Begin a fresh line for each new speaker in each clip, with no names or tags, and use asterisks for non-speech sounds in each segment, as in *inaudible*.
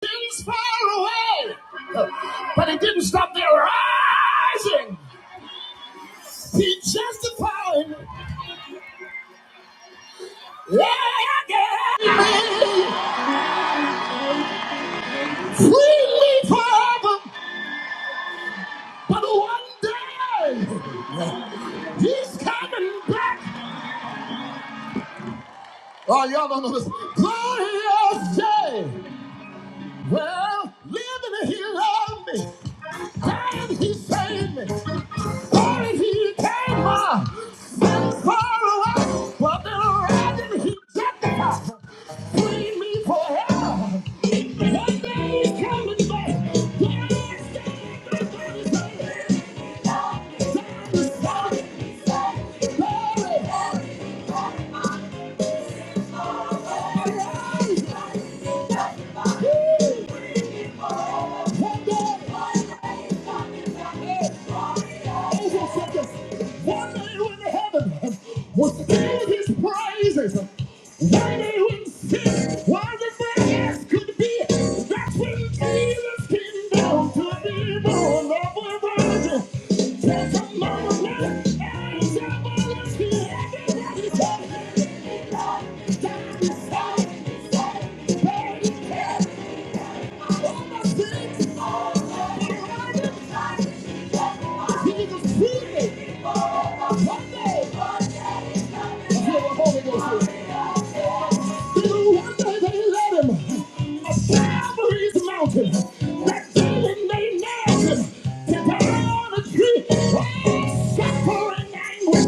things far away. But it didn't stop their rising. He justified yeah, yeah, freely forever. But one day he's coming back. Oh, y'all don't know this. Glorious day. Well, living he loved me. And he saved me. Party he came on. Then far away, but the rising he set the fire. Free me forever. One day he's coming back. Here I stand, I'm glory, glory, glory. One day when heaven was filled his praises, one day when sin was as bad as could be, that's when Jesus came down be born of a virgin. There's a moment when everybody is here, everybody's here. Holy Ghost. One day they led him aside Marie's mountain. That demon they nailed him to die on a tree. Oh, suffering anguish,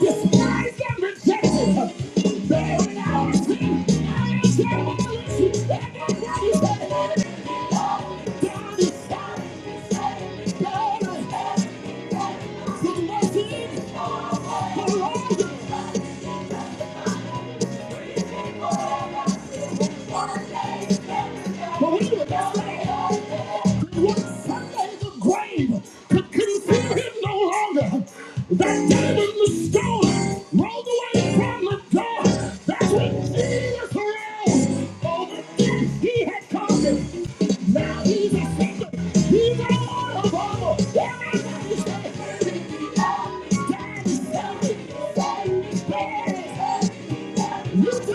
despised and rejected. Bearing our sin, I am so rich. Everybody said, Oh, God is so God is so good. The mercy of the Lord. But Believe it, that's right. But one Sunday in the grave could conceal him no longer. That day when the stone rolled away from the door, that's when Jesus arose over death he had conquered. Now he's a sinner. He's a Lord of all. Everybody say, "Holy, holy, holy, holy, holy, holy." He saved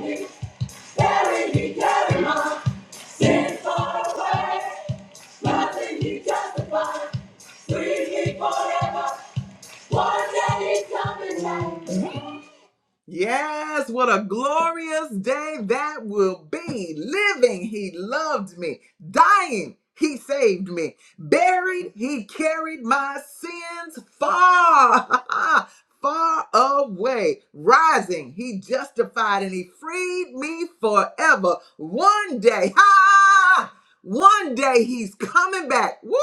me, carried me, carried my sins far away. Nothing he justified. Free me forever. One day he's coming back. Yes, what a glorious day that will be. Living, he loved me. Dying, he saved me. Buried, he carried my sins far, *laughs* far away. Rising, he justified and he freed me forever. One day, *laughs* ha! One day he's coming back. Woo!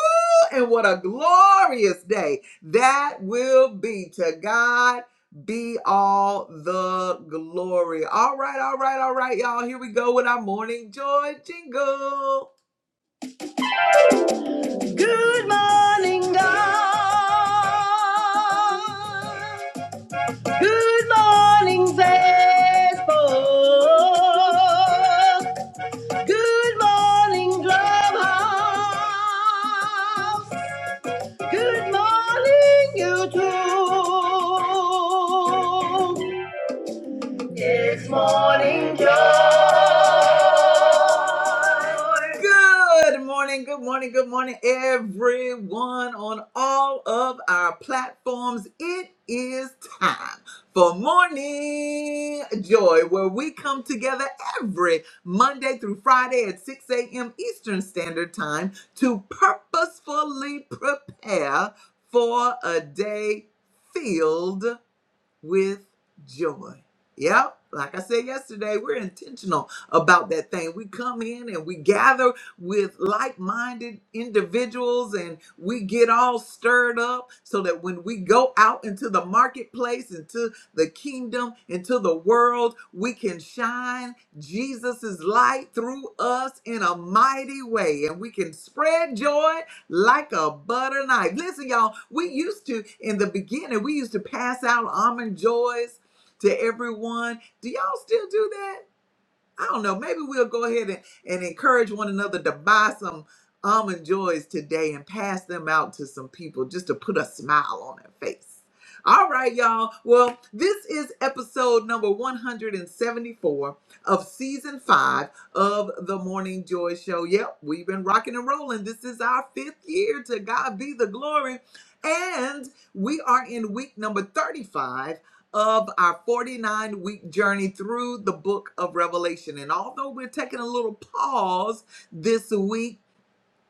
And what a glorious day that will be to God be all the glory. All right, all right, all right, y'all. Here we go with our morning joy jingle. Morning joy. Clubhouse. Good morning, YouTube. It's morning joy. Good morning, good morning, good morning, everyone on all of our platforms. It is time for Morning Joy, where we come together every Monday through Friday at 6 a.m. Eastern Standard Time to purposefully prepare for a day. Filled with joy. Yep. Like I said yesterday, we're intentional about that thing. We come in and we gather with like minded individuals and we get all stirred up so that when we go out into the marketplace, into the kingdom, into the world, we can shine Jesus' light through us in a mighty way and we can spread joy like a butter knife. Listen, y'all, we used to, in the beginning, we used to pass out almond joys to everyone. Do y'all still do that? I don't know. Maybe we'll go ahead and, and encourage one another to buy some almond joys today and pass them out to some people just to put a smile on their face. All right, y'all. Well, this is episode number 174 of season five of the Morning Joy Show. Yep, we've been rocking and rolling. This is our fifth year. To God be the glory. And we are in week number 35 of our 49 week journey through the book of Revelation. And although we're taking a little pause this week,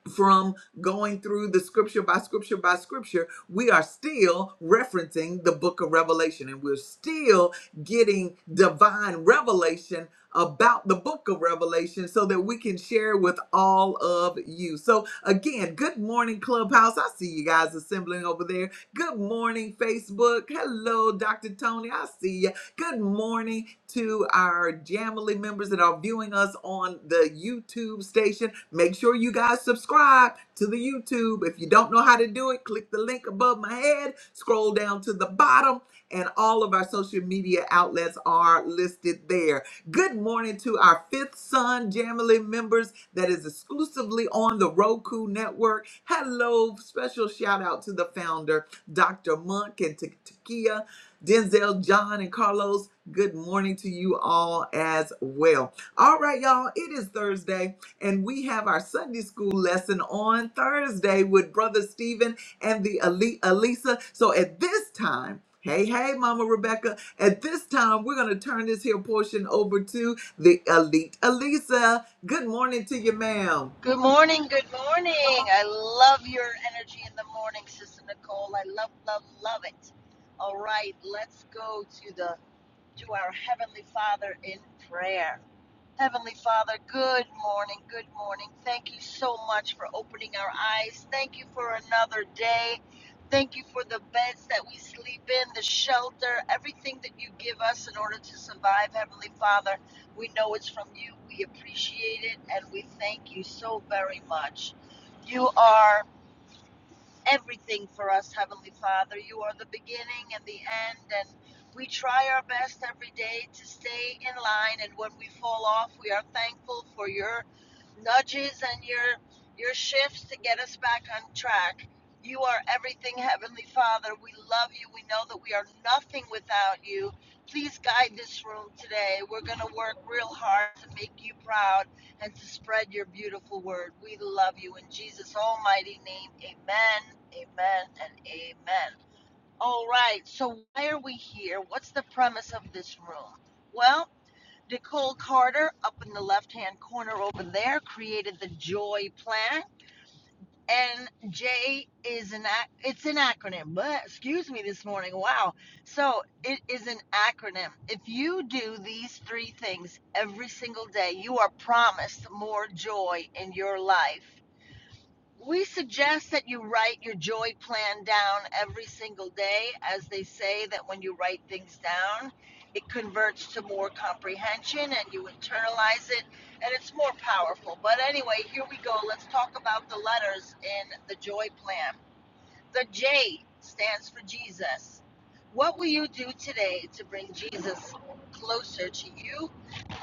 from going through the scripture by scripture by scripture, we are still referencing the book of Revelation and we're still getting divine revelation about the book of Revelation so that we can share with all of you. So, again, good morning, Clubhouse. I see you guys assembling over there. Good morning, Facebook. Hello, Dr. Tony. I see you. Good morning to our Jamily members that are viewing us on the YouTube station. Make sure you guys subscribe to the YouTube. If you don't know how to do it, click the link above my head, scroll down to the bottom, and all of our social media outlets are listed there. Good morning to our fifth son Jamily members that is exclusively on the Roku network. Hello, special shout out to the founder, Dr. Monk and Takia. Denzel, John, and Carlos, good morning to you all as well. All right, y'all, it is Thursday, and we have our Sunday school lesson on Thursday with Brother Stephen and the Ali- Alisa. So at this time, hey, hey, Mama Rebecca, at this time, we're going to turn this here portion over to the elite Alisa. Good morning to you, ma'am.
Good morning, good morning. I love your energy in the morning, Sister Nicole. I love, love, love it. All right, let's go to the to our Heavenly Father in prayer. Heavenly Father, good morning, good morning. Thank you so much for opening our eyes. Thank you for another day. Thank you for the beds that we sleep in, the shelter, everything that you give us in order to survive, Heavenly Father. We know it's from you. We appreciate it and we thank you so very much. You are everything for us, Heavenly Father. You are the beginning and the end, and we try our best every day to stay in line. And when we fall off, we are thankful for your nudges and your your shifts to get us back on track. You are everything, Heavenly Father. We love you. We know that we are nothing without you. Please guide this room today. We're going to work real hard to make you proud and to spread your beautiful word. We love you in Jesus' almighty name. Amen, amen, and amen. All right, so why are we here? What's the premise of this room? Well, Nicole Carter, up in the left hand corner over there, created the Joy Plan and J is an ac- it's an acronym. But excuse me this morning. Wow. So it is an acronym. If you do these three things every single day, you are promised more joy in your life. We suggest that you write your joy plan down every single day, as they say that when you write things down, it converts to more comprehension and you internalize it and it's more powerful. But anyway, here we go. Let's talk about the letters in the joy plan. The J stands for Jesus. What will you do today to bring Jesus closer to you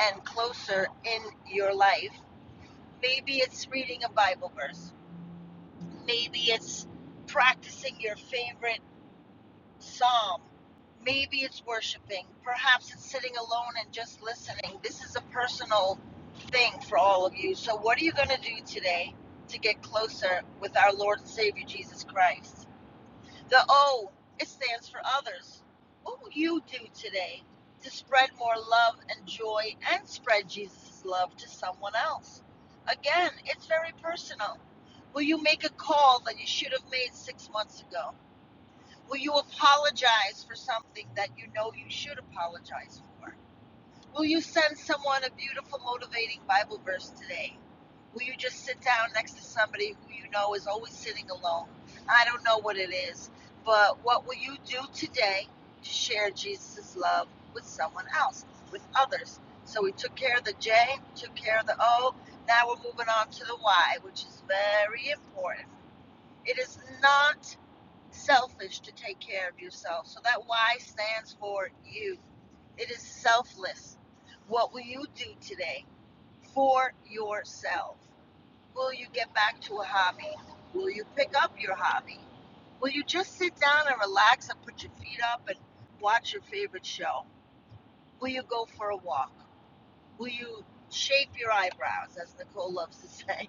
and closer in your life? Maybe it's reading a Bible verse Maybe it's practicing your favorite psalm. Maybe it's worshiping. Perhaps it's sitting alone and just listening. This is a personal thing for all of you. So, what are you going to do today to get closer with our Lord and Savior Jesus Christ? The O, it stands for others. What will you do today to spread more love and joy and spread Jesus' love to someone else? Again, it's very personal. Will you make a call that you should have made six months ago? Will you apologize for something that you know you should apologize for? Will you send someone a beautiful, motivating Bible verse today? Will you just sit down next to somebody who you know is always sitting alone? I don't know what it is, but what will you do today to share Jesus' love with someone else, with others? So we took care of the J, took care of the O. Now we're moving on to the Y, which is very important. It is not selfish to take care of yourself. So that Y stands for you. It is selfless. What will you do today for yourself? Will you get back to a hobby? Will you pick up your hobby? Will you just sit down and relax and put your feet up and watch your favorite show? Will you go for a walk? Will you shape your eyebrows, as Nicole loves to *laughs* say?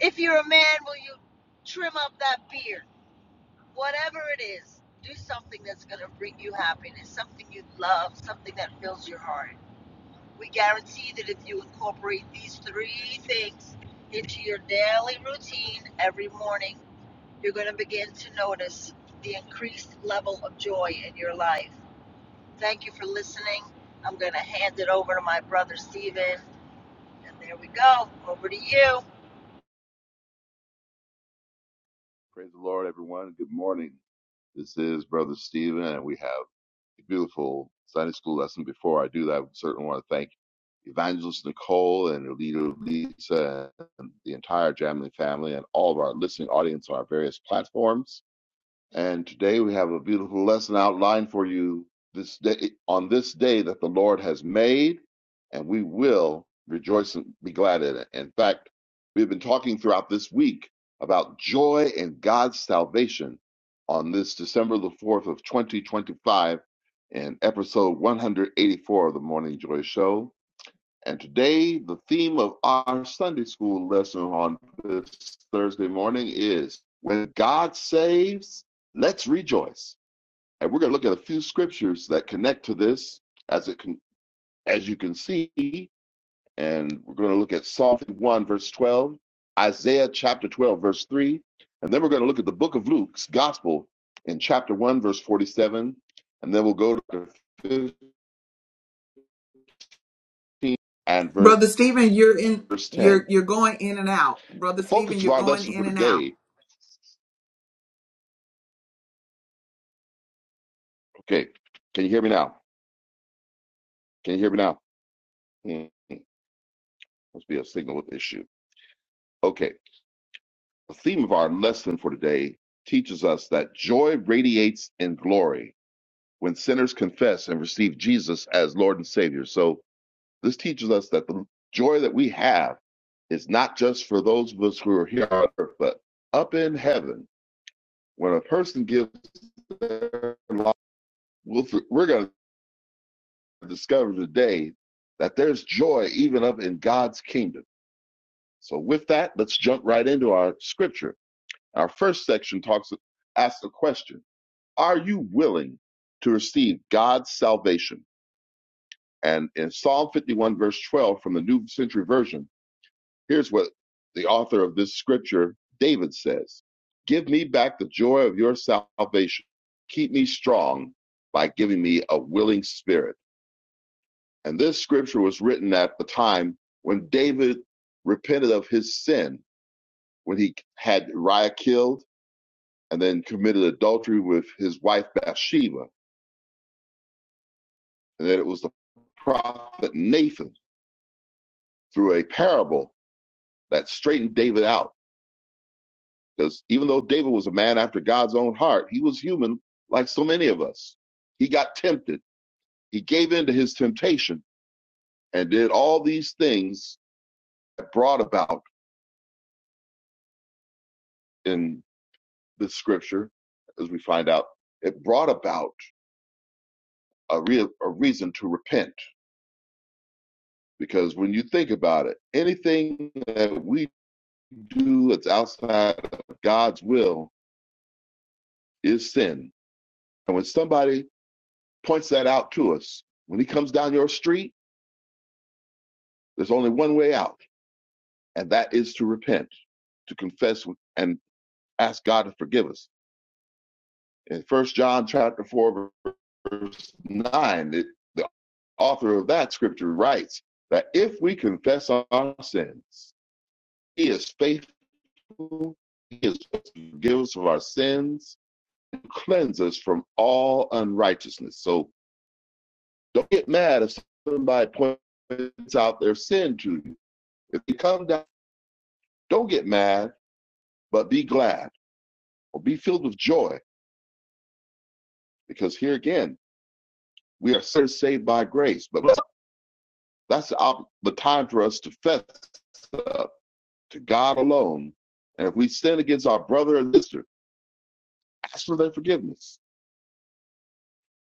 If you're a man, will you trim up that beard? Whatever it is, do something that's going to bring you happiness, something you love, something that fills your heart. We guarantee that if you incorporate these three things into your daily routine every morning, you're going to begin to notice the increased level of joy in your life. Thank you for listening. I'm going to hand it over to my brother Stephen. And there we go. Over to you.
Praise the Lord, everyone. Good morning. This is Brother Stephen, and we have a beautiful Sunday school lesson. Before I do that, I certainly want to thank Evangelist Nicole and her leader Lisa and the entire Jamley family and all of our listening audience on our various platforms. And today we have a beautiful lesson outlined for you this day on this day that the Lord has made, and we will rejoice and be glad in it. In fact, we've been talking throughout this week about joy in God's salvation on this December the 4th of 2025 in episode 184 of the Morning Joy Show. And today, the theme of our Sunday school lesson on this Thursday morning is When God Saves, Let's Rejoice. And we're going to look at a few scriptures that connect to this as it can, as you can see. And we're going to look at Psalm 1, verse 12, Isaiah chapter 12, verse 3. And then we're going to look at the book of Luke's gospel in chapter 1, verse 47. And then we'll go to 15 and
Brother
verse
Stephen, you're in. You're
10.
you're going in and out, brother
The
Stephen.
focus of
You're
our
going
lesson for
in and out.
today Okay, can you hear me now? Can you hear me now? Hmm, Must be a signal issue. Okay, the theme of our lesson for today teaches us that joy radiates in glory when sinners confess and receive Jesus as Lord and Savior. So, this teaches us that the joy that we have is not just for those of us who are here on earth, but up in heaven. When a person gives their life, we'll- we're going to discover today that there's joy even up in God's kingdom So with that, let's jump right into our scripture. Our first section talks asks the question, are you willing to receive God's salvation? And in Psalm 51 verse 12 from the New Century Version, here's what the author of this scripture, David says, "Give me back the joy of your salvation. Keep me strong by giving me a willing spirit." And this scripture was written at the time when David repented of his sin when he had Uriah killed and then committed adultery with his wife Bathsheba, and that it was the prophet Nathan through a parable that straightened David out. Because even though David was a man after God's own heart, he was human like so many of us. He got tempted. He gave in to his temptation and did all these things that brought about in the scripture, as we find out, it brought about a, real, a reason to repent. Because when you think about it, anything that we do that's outside of God's will is sin. And when somebody points that out to us, when he comes down your street, there's only one way out, and that is to repent, to confess and ask God to forgive us. In First John chapter 4, verse 9, it, the author of that scripture writes that if we confess our sins, he is faithful, he is faithful to forgive us of our sins, cleanse us from all unrighteousness. So Don't get mad if somebody points out their sin to you. If they come down, don't get mad, but be glad or be filled with joy, because here again, we are saved by grace. But that's the, the time for us to fess up to God alone. And if we sin against our brother or sister, ask for their forgiveness.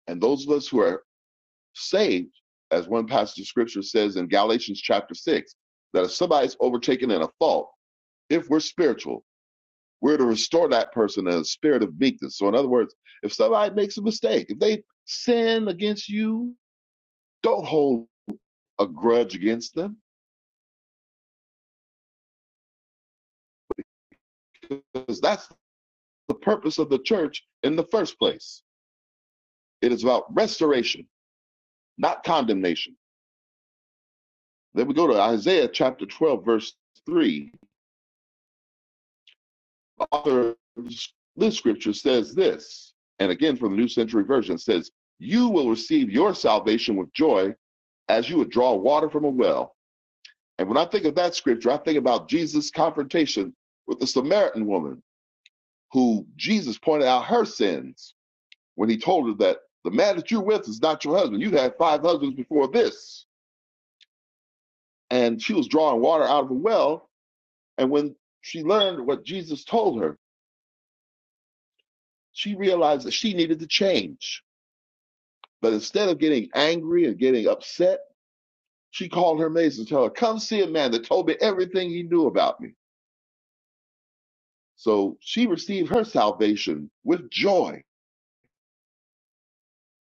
And those of us who are saved, as one passage of scripture says in Galatians chapter 6, that if somebody's overtaken in a fault, if we're spiritual, We're to restore that person in a spirit of meekness. So, in other words, if somebody makes a mistake, if they sin against you, don't hold a grudge against them because that's the purpose of the church in the first place. It is about restoration, not condemnation. Then we go to Isaiah chapter 12, verse 3. The author of this scripture says this, and again from the New Century Version says, You will receive your salvation with joy as you would draw water from a well And when I think of that scripture, I think about Jesus' confrontation with the Samaritan woman, who Jesus pointed out her sins when he told her that the man that you're with is not your husband. You've had five husbands before this. And she was drawing water out of a well. And when she learned what Jesus told her, she realized that she needed to change. But instead of getting angry and getting upset, she called her maids and told her, Come see a man that told me everything he knew about me. So she received her salvation with joy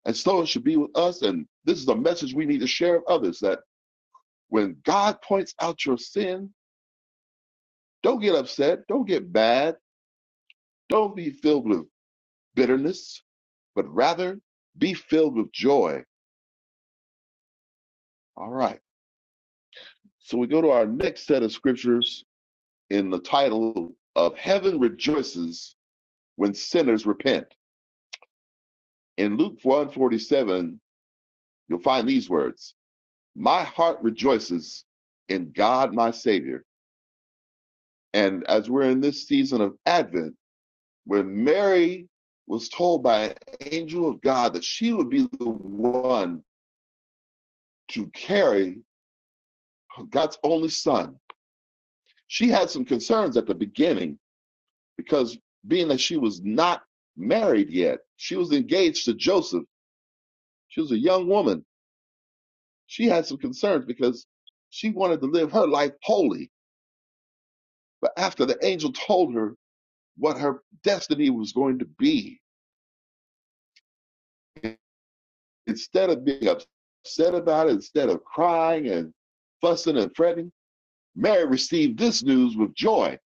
And so it should be with us. And this is a message we need to share with others that when God points out your sin, don't get upset, don't get mad, don't be filled with bitterness, but rather be filled with joy. All right. So we go to our next set of scriptures in the title of Heaven Rejoices When Sinners Repent. In Luke 147, you'll find these words My heart rejoices in God my Savior. And as we're in this season of Advent, when Mary was told by an angel of God that she would be the one to carry God's only son, she had some concerns at the beginning because being that she was not married yet, she was engaged to Joseph, she was a young woman. She had some concerns because she wanted to live her life holy. But after the angel told her what her destiny was going to be, Instead of being upset about it, instead of crying and fussing and fretting, Mary received this news with joy,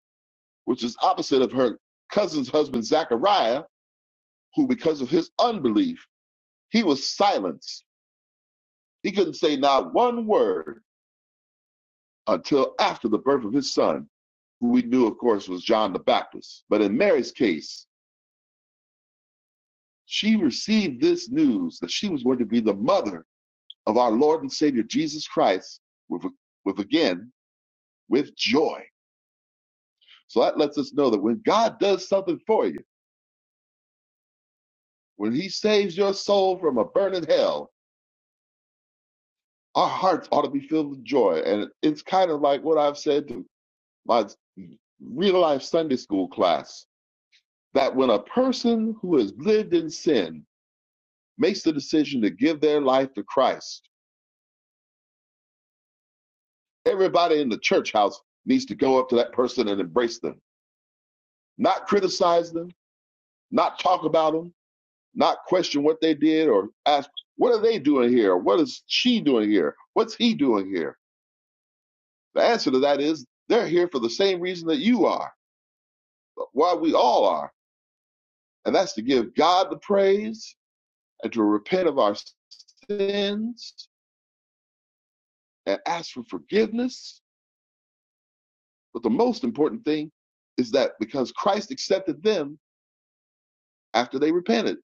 which is opposite of her cousin's husband, Zachariah, who, because of his unbelief, he was silenced. He couldn't say not one word until after the birth of his son, who we knew, of course, was John the Baptist. But in Mary's case, she received this news that she was going to be the mother of our Lord and Savior Jesus Christ with, with again, with joy. So that lets us know that when God does something for you, when He saves your soul from a burning hell, our hearts ought to be filled with joy. And it's kind of like what I've said to my real life Sunday school class that when a person who has lived in sin makes the decision to give their life to Christ, everybody in the church house needs to go up to that person and embrace them, not criticize them, not talk about them not question what they did or ask, what are they doing here? What is she doing here? What's he doing here? The answer to that is they're here for the same reason that you are, why we all are. And that's to give God the praise and to repent of our sins and ask for forgiveness. But the most important thing is that because Christ accepted them after they repented,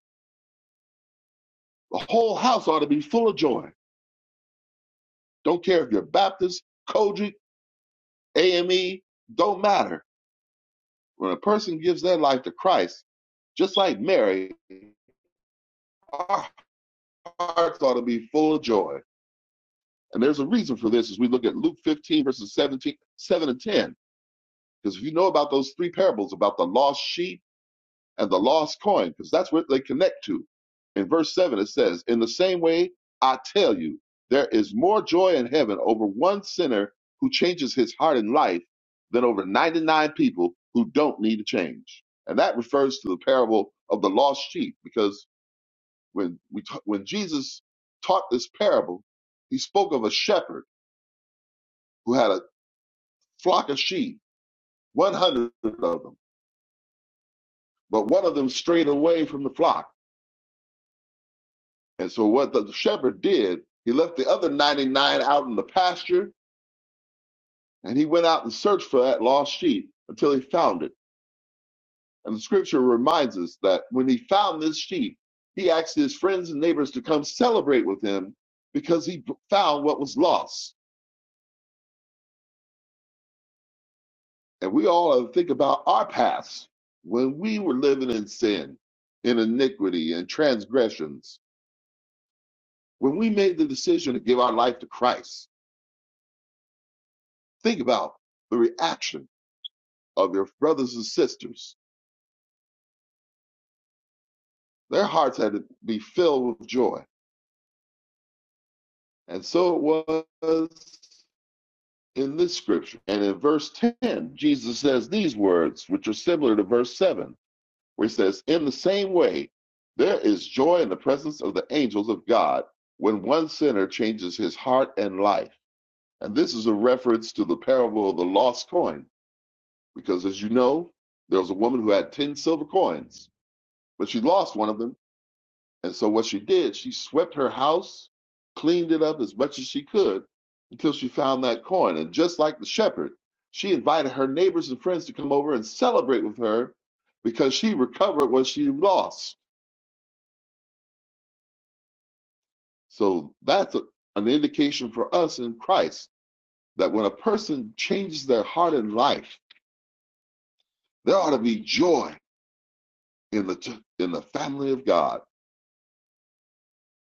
the whole house ought to be full of joy. Don't care if you're Baptist, Kojic, AME, don't matter When a person gives their life to Christ, just like Mary, our hearts ought to be full of joy. And there's a reason for this as we look at Luke 15, verses 17, 7 and 10. Because if you know about those three parables about the lost sheep, and the lost coin, because that's what they connect to. In verse 7, it says, In the same way, I tell you, there is more joy in heaven over one sinner who changes his heart and life than over 99 people who don't need to change. And that refers to the parable of the lost sheep, because when, we ta- when Jesus taught this parable, he spoke of a shepherd who had a flock of sheep, 100 of them, but one of them strayed away from the flock And so what the shepherd did, he left the other 99 out in the pasture and he went out and searched for that lost sheep until he found it. And the scripture reminds us that when he found this sheep, he asked his friends and neighbors to come celebrate with him because he found what was lost. And we all have to think about our past when we were living in sin, in iniquity and transgressions, when we made the decision to give our life to Christ. Think about the reaction of your brothers and sisters. Their hearts had to be filled with joy. And so it was in this scripture. And in verse 10, Jesus says these words, which are similar to verse 7, where he says, In the same way, there is joy in the presence of the angels of God when one sinner changes his heart and life. And this is a reference to the parable of the lost coin, because as you know, there was a woman who had 10 silver coins, but she lost one of them And so what she did, she swept her house, cleaned it up as much as she could until she found that coin. And just like the shepherd, she invited her neighbors and friends to come over and celebrate with her because she recovered what she lost. So that's a, an indication for us in Christ that when a person changes their heart and life, there ought to be joy in the in the family of God.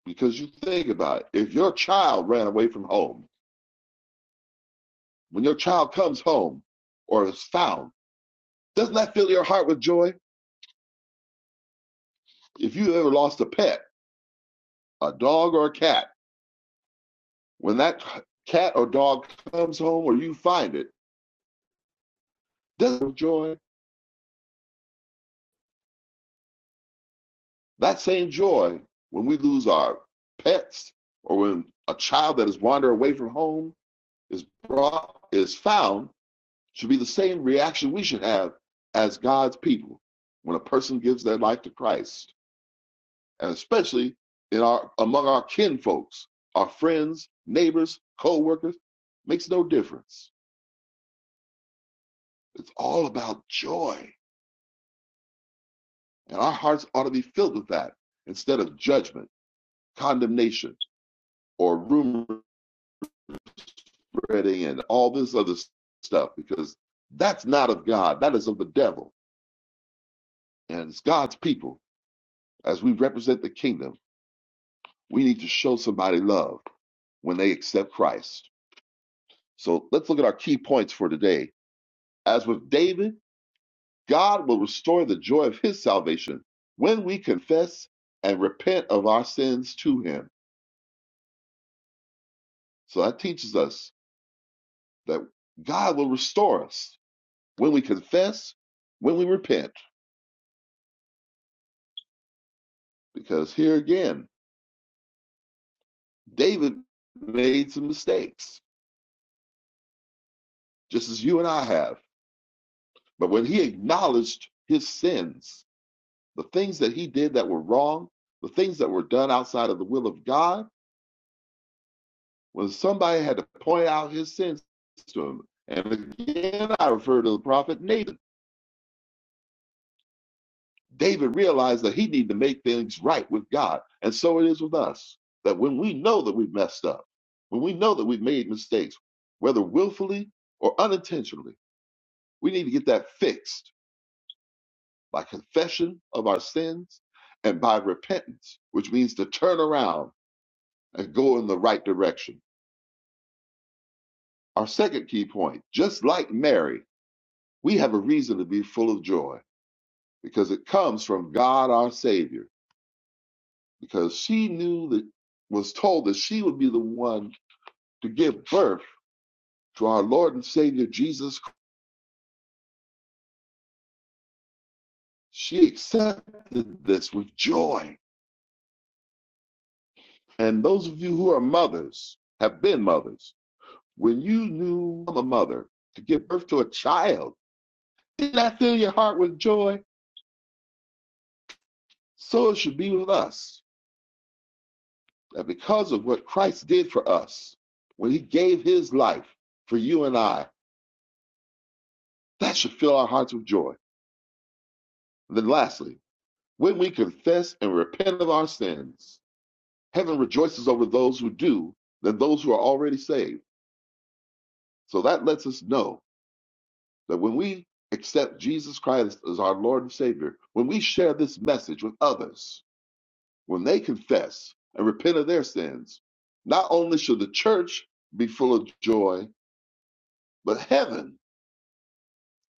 Because you think about it, if your child ran away from home When your child comes home or is found, doesn't that fill your heart with joy? If you ever lost a pet, a dog or a cat, when that cat or dog comes home or you find it, doesn't it joy? That same joy when we lose our pets or when a child that has wandered away from home is brought is found should be the same reaction we should have as God's people when a person gives their life to Christ. and especially in our among our kin folks, our friends, neighbors, co-workers, makes no difference. It's all about joy, and our hearts ought to be filled with that instead of judgment, condemnation, or rumor spreading and all this other stuff, because that's not of God. That is of the devil, and it's God's people. As we represent the kingdom, we need to show somebody love when they accept Christ. So let's look at our key points for today. As with David. God will restore the joy of his salvation when we confess and repent of our sins to him. So that teaches us that God will restore us when we confess, when we repent. Because here again, David made some mistakes, just as you and I have. But when he acknowledged his sins, the things that he did that were wrong, the things that were done outside of the will of God, when somebody had to point out his sins to him. And again, I refer to the prophet Nathan. David realized that he needed to make things right with God. And so it is with us that when we know that we've messed up, when we know that we've made mistakes, whether willfully or unintentionally, we need to get that fixed by confession of our sins and by repentance, which means to turn around and go in the right direction. Our second key point just like Mary, we have a reason to be full of joy because it comes from God our Savior. Because she knew that was told that she would be the one to give birth to our Lord and Savior Jesus. Christ. She accepted this with joy. And those of you who are mothers have been mothers. When you knew I'm a mother to give birth to a child, did that fill your heart with joy? So it should be with us. That because of what Christ did for us, when he gave his life for you and I, that should fill our hearts with joy Then, lastly, when we confess and repent of our sins, heaven rejoices over those who do than those who are already saved. So that lets us know that when we accept Jesus Christ as our Lord and Savior, when we share this message with others, when they confess and repent of their sins, not only should the church be full of joy, but heaven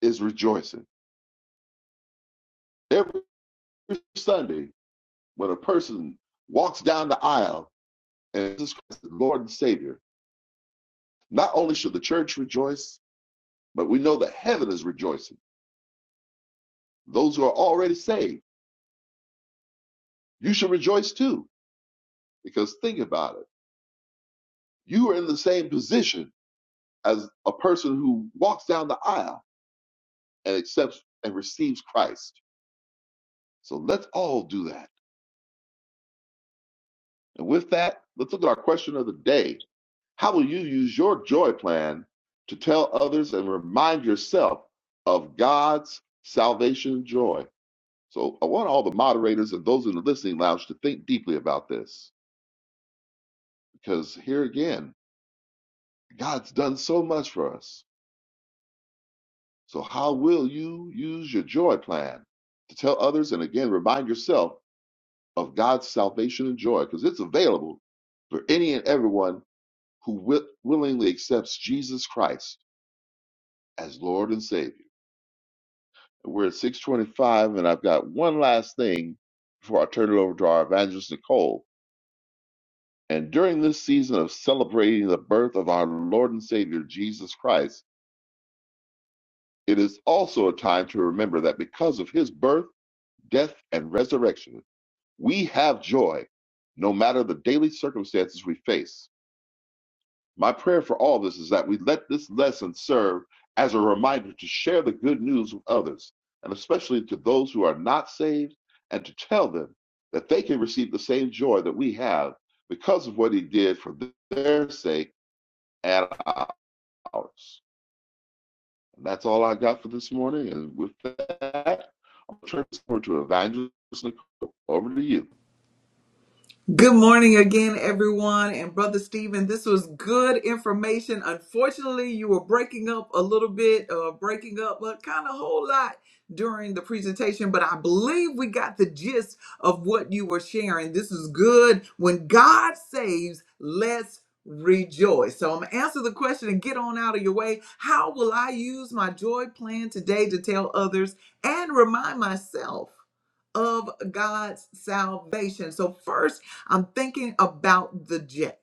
is rejoicing. Every Sunday, when a person walks down the aisle and Jesus Christ is Lord and Savior, Not only should the church rejoice, but we know that heaven is rejoicing. Those who are already saved, you should rejoice too. Because think about it. You are in the same position as a person who walks down the aisle and accepts and receives Christ. So let's all do that. And with that, let's look at our question of the day. How will you use your joy plan to tell others and remind yourself of God's salvation joy? So I want all the moderators and those in the listening lounge to think deeply about this because here again, God's done so much for us. So, how will you use your joy plan to tell others and again remind yourself of God's salvation and joy because it's available for any and everyone who wi- willingly accepts Jesus Christ as Lord and Savior? We're at 625, and I've got one last thing before I turn it over to our evangelist, Nicole. And during this season of celebrating the birth of our Lord and Savior Jesus Christ, it is also a time to remember that because of his birth, death, and resurrection, we have joy no matter the daily circumstances we face. My prayer for all this is that we let this lesson serve as a reminder to share the good news with others, and especially to those who are not saved, and to tell them that they can receive the same joy that we have because of what he did for their sake at hours. That's all I got for this morning. And with that, I'll turn this over to Evangelist Nicole. Over to you.
Good morning again, everyone. And Brother Stephen, this was good information. Unfortunately, you were breaking up a little bit, uh, breaking up a kind of whole lot during the presentation, but I believe we got the gist of what you were sharing. This is good. When God saves, let's rejoice. So I'm going to answer the question and get on out of your way. How will I use my joy plan today to tell others and remind myself? of God's salvation. So, first, I'm thinking about the jet,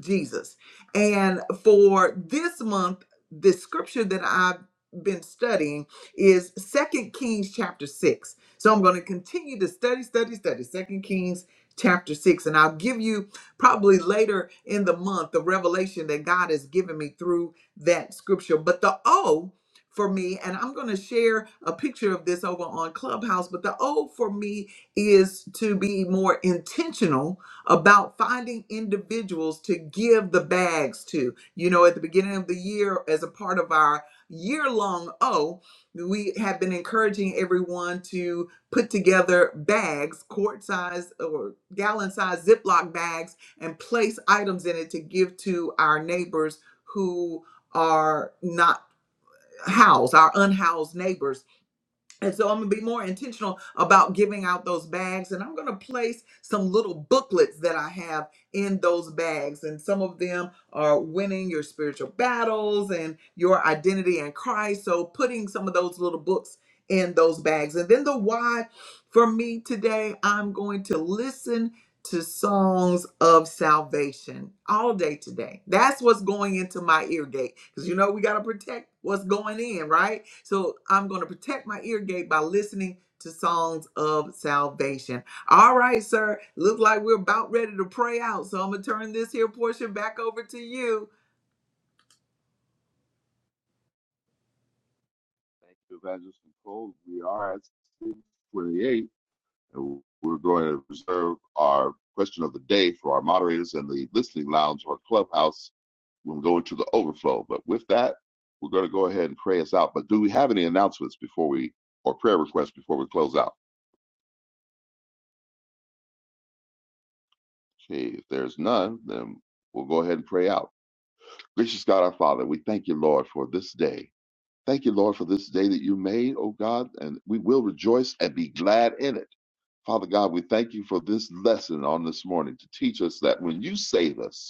Jesus. And for this month, the scripture that I've been studying is Second Kings chapter 6. So I'm going to continue to study, study, study Second Kings chapter 6. And I'll give you probably later in the month the revelation that God has given me through that scripture. But the O for me, and I'm going to share a picture of this over on Clubhouse, but the O for me is to be more intentional about finding individuals to give the bags to. You know, at the beginning of the year, as a part of our year long O, we have been encouraging everyone to put together bags, quart size or gallon size Ziploc bags, and place items in it to give to our neighbors who are not housed, our unhoused neighbors and so I'm going to be more intentional about giving out those bags. And I'm going to place some little booklets that I have in those bags. And some of them are winning your spiritual battles and your identity in Christ. So putting some of those little books in those bags. And then the why for me today, I'm going to listen to songs of salvation all day today. That's what's going into my ear gate because you know we got to protect what's going in, right? So I'm going to protect my ear gate by listening to songs of salvation. All right, sir. Look like we're about ready to pray out. So I'm going to turn this here portion back over to you.
Thank you, Evangelist Nicole. We are at 628, and we're going to reserve our question of the day for our moderators and the listening lounge or clubhouse. We'll go into the overflow. But with that, we're going to go ahead and pray us out. But do we have any announcements before we, or prayer requests before we close out? Okay, if there's none, then we'll go ahead and pray out. Gracious God, our Father, we thank you, Lord, for this day. Thank you, Lord, for this day that you made, O God, and we will rejoice and be glad in it. Father God, we thank you for this lesson on this morning to teach us that when you save us,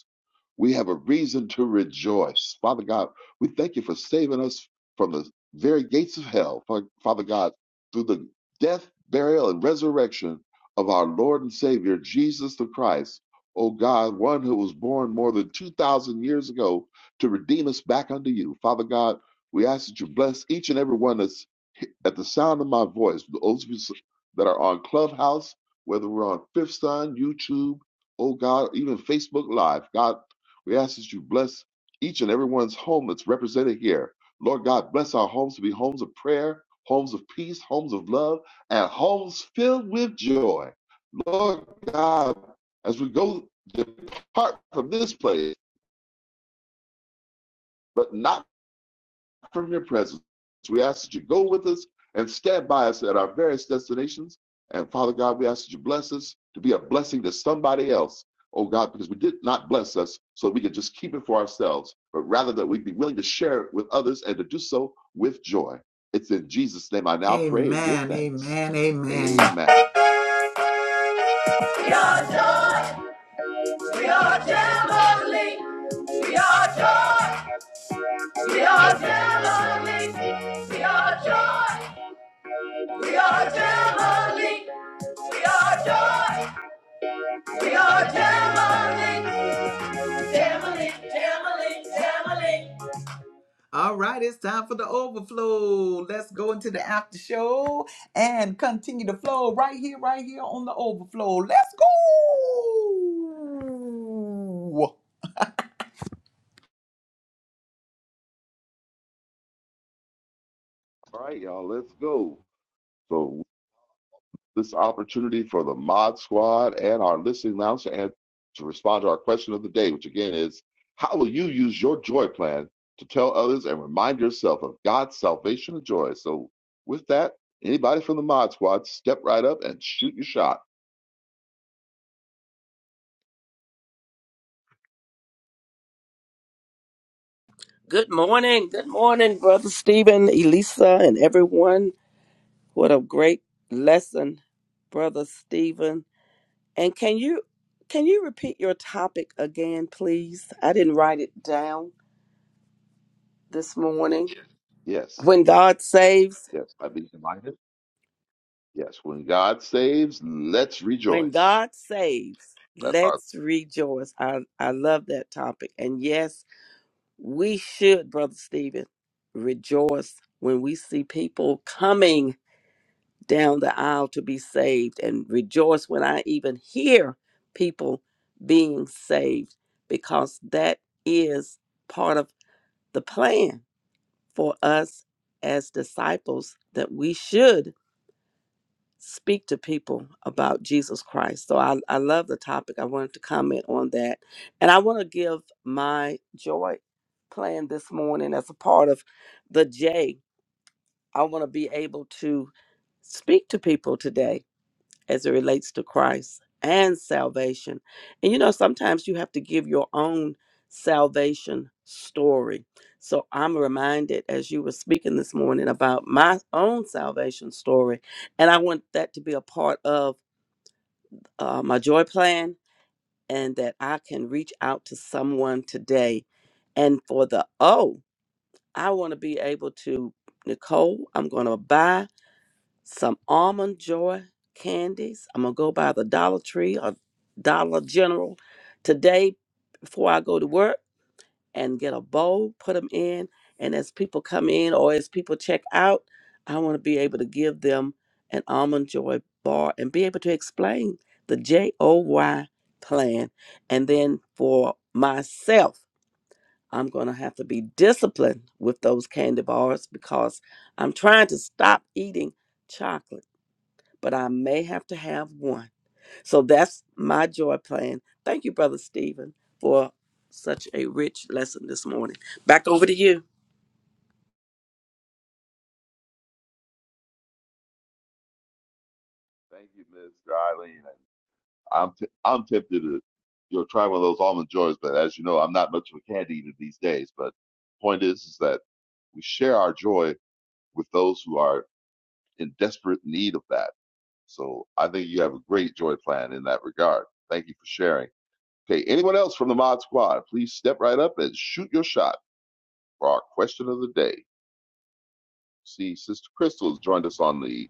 we have a reason to rejoice. Father God, we thank you for saving us from the very gates of hell. Fa- Father God, through the death, burial, and resurrection of our Lord and Savior, Jesus the Christ. O God, one who was born more than 2,000 years ago to redeem us back unto you. Father God, we ask that you bless each and every one that's at the sound of my voice, those of us that are on Clubhouse, whether we're on Fifth Sun, YouTube, oh God, even Facebook Live, God, we ask that you bless each and everyone's home that's represented here. Lord God, bless our homes to be homes of prayer, homes of peace, homes of love, and homes filled with joy. Lord God, as we go depart from this place, but not from your presence. We ask that you go with us and stand by us at our various destinations. And Father God, we ask that you bless us to be a blessing to somebody else, oh God, because we did not bless us so we could just keep it for ourselves, but rather that we would be willing to share it with others and to do so with joy. It's in Jesus' name I now pray and give
Amen.
thanks.
Amen. Amen.
Amen.
We are joy. We are jubilee. We are joy. We are Galilee. We are joy. We are Galilee. We are joy. We are Galilee. Galilee. Galilee. Galilee. All right, it's time for the overflow. Let's go into the after show and continue the flow right here, right here on the overflow. Let's go.
All right, y'all, let's go. So this opportunity for the Mod Squad and our listening lounge to, an- to respond to our question of the day, which again is How will you use your joy plan to tell others and remind yourself of God's salvation and joy? So, with that, anybody from the Mod Squad, step right up and shoot your shot.
Good morning. Good morning, Brother Stephen, Elisa, and everyone. What a great lesson, Brother Stephen. And can you can you repeat your topic again, please? I didn't write it down this morning.
Yes,
When God saves,
yes, I'd be delighted. Yes, when God saves, let's
when
rejoice.
God saves,
That's our
let's rejoice. I, I love that topic. And yes, we should, Brother Stephen, rejoice when we see people coming down the aisle to be saved and rejoice when I even hear people being saved because that is part of the plan for us as disciples that we should speak to people about Jesus Christ. So I, I love the topic. I wanted to comment on that. And I want to give my joy plan this morning as a part of the J. I want to be able to speak to people today as it relates to Christ and salvation. And you know, sometimes you have to give your own salvation story. So I'm reminded as you were speaking this morning about my own salvation story. And I want that to be a part of uh, my joy plan and that I can reach out to someone today. And for the O, I want to be able to, Nicole, I'm going to buy some almond joy candies. I'm gonna go by the Dollar Tree or Dollar General today before I go to work and get a bowl, put them in, and as people come in or as people check out, I want to be able to give them an almond joy bar and be able to explain the J O Y plan. And then for myself, I'm gonna have to be disciplined with those candy bars because I'm trying to stop eating chocolate but I may have to have one. So that's my joy plan. Thank you, Brother Stephen, for such a rich lesson this morning. Back over to you.
thank you, Ms. Darlene. I'm t- I'm tempted to you know try one of those almond joys, but as you know, I'm not much of a candy eater these days. But point is, is that we share our joy with those who are in desperate need of that. So I think you have a great joy plan in that regard. Thank you for sharing. Okay, anyone else from the Mod Squad, please step right up and shoot your shot for our question of the day. See, Sister Crystal has joined us on the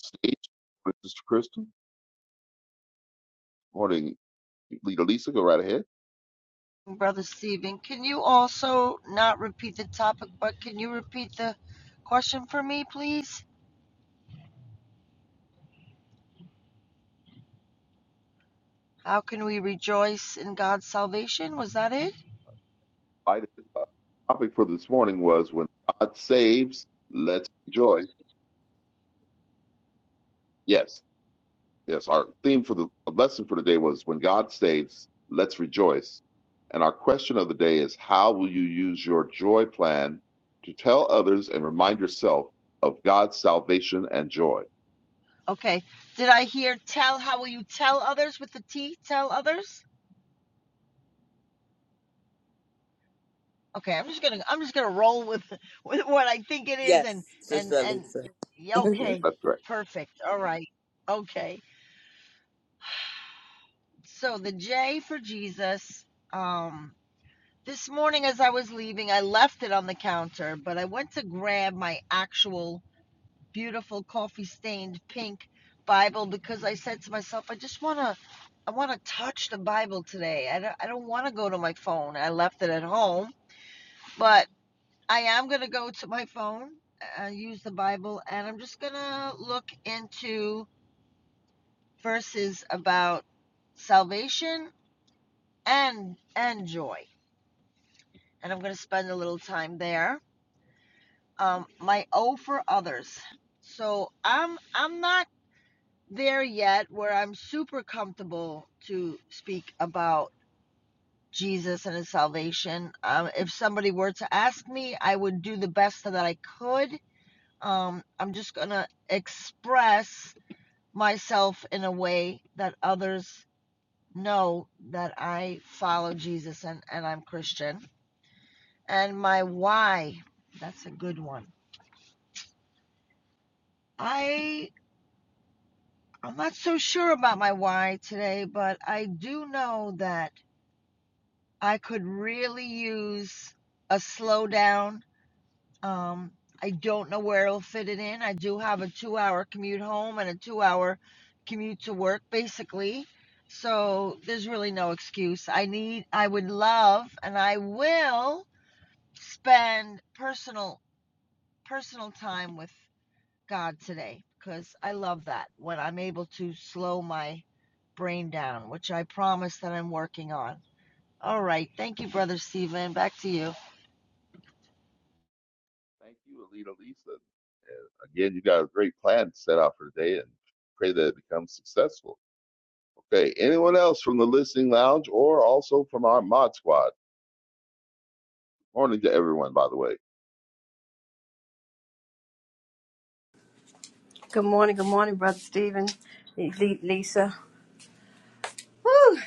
stage. Sister Crystal, morning, Leader Lisa, go right ahead.
Brother Stephen. can you also not repeat the topic, but can you repeat the question for me, please? How can we rejoice in God's salvation? Was that it?
Our topic for this morning was when God saves, let's rejoice. Yes, yes. Our theme for the lesson for today was when God saves, let's rejoice. And our question of the day is how will you use your joy plan to tell others and remind yourself of God's salvation and joy?
Okay. Did I hear tell how will you tell others with the T? Tell others? Okay, I'm just gonna I'm just gonna roll with *laughs* with what I
That's,
think it is
Yes,
and and
Sister
and
Lisa.
yeah,
*laughs*
yeah,
good
okay.
that's right.
Perfect. All right. Okay. So the J for Jesus. Um this morning as I was leaving, I left it on the counter, but I went to grab my actual beautiful coffee stained pink Bible because I said to myself, I just want to. I want to touch the Bible today. I don't, I don't want to go to my phone. I left it at home, but I am going to go to my phone, uh, use the Bible, and I'm just going to look into verses about salvation and and joy. And I'm going to spend a little time there. Um, my O for others. So I'm I'm not there yet where I'm super comfortable to speak about Jesus and his salvation. Um, if somebody were to ask me, I would do the best that I could. Um, I'm just going to express myself in a way that others know that I follow Jesus and, and I'm Christian. And my why, that's a good one. I. I'm not so sure about my why today, but I do know that I could really use a slowdown. Um, I don't know where it'll fit it in. I do have a two hour commute home and a two hour commute to work, basically. So there's really no excuse. I need, I would love, and I will spend personal, personal time with God today because I love that when I'm able to slow my brain down, which I promise that I'm working on. All right. Thank you, Brother Stephen. Back to you.
Thank you, Alita Lisa. Again, you got a great plan set out for today and pray that it becomes successful. Okay, anyone else from the listening lounge or also from our mod squad? Morning to everyone, by the way.
Good morning, good morning, Brother Stephen, Le- Le- Lisa. Whew,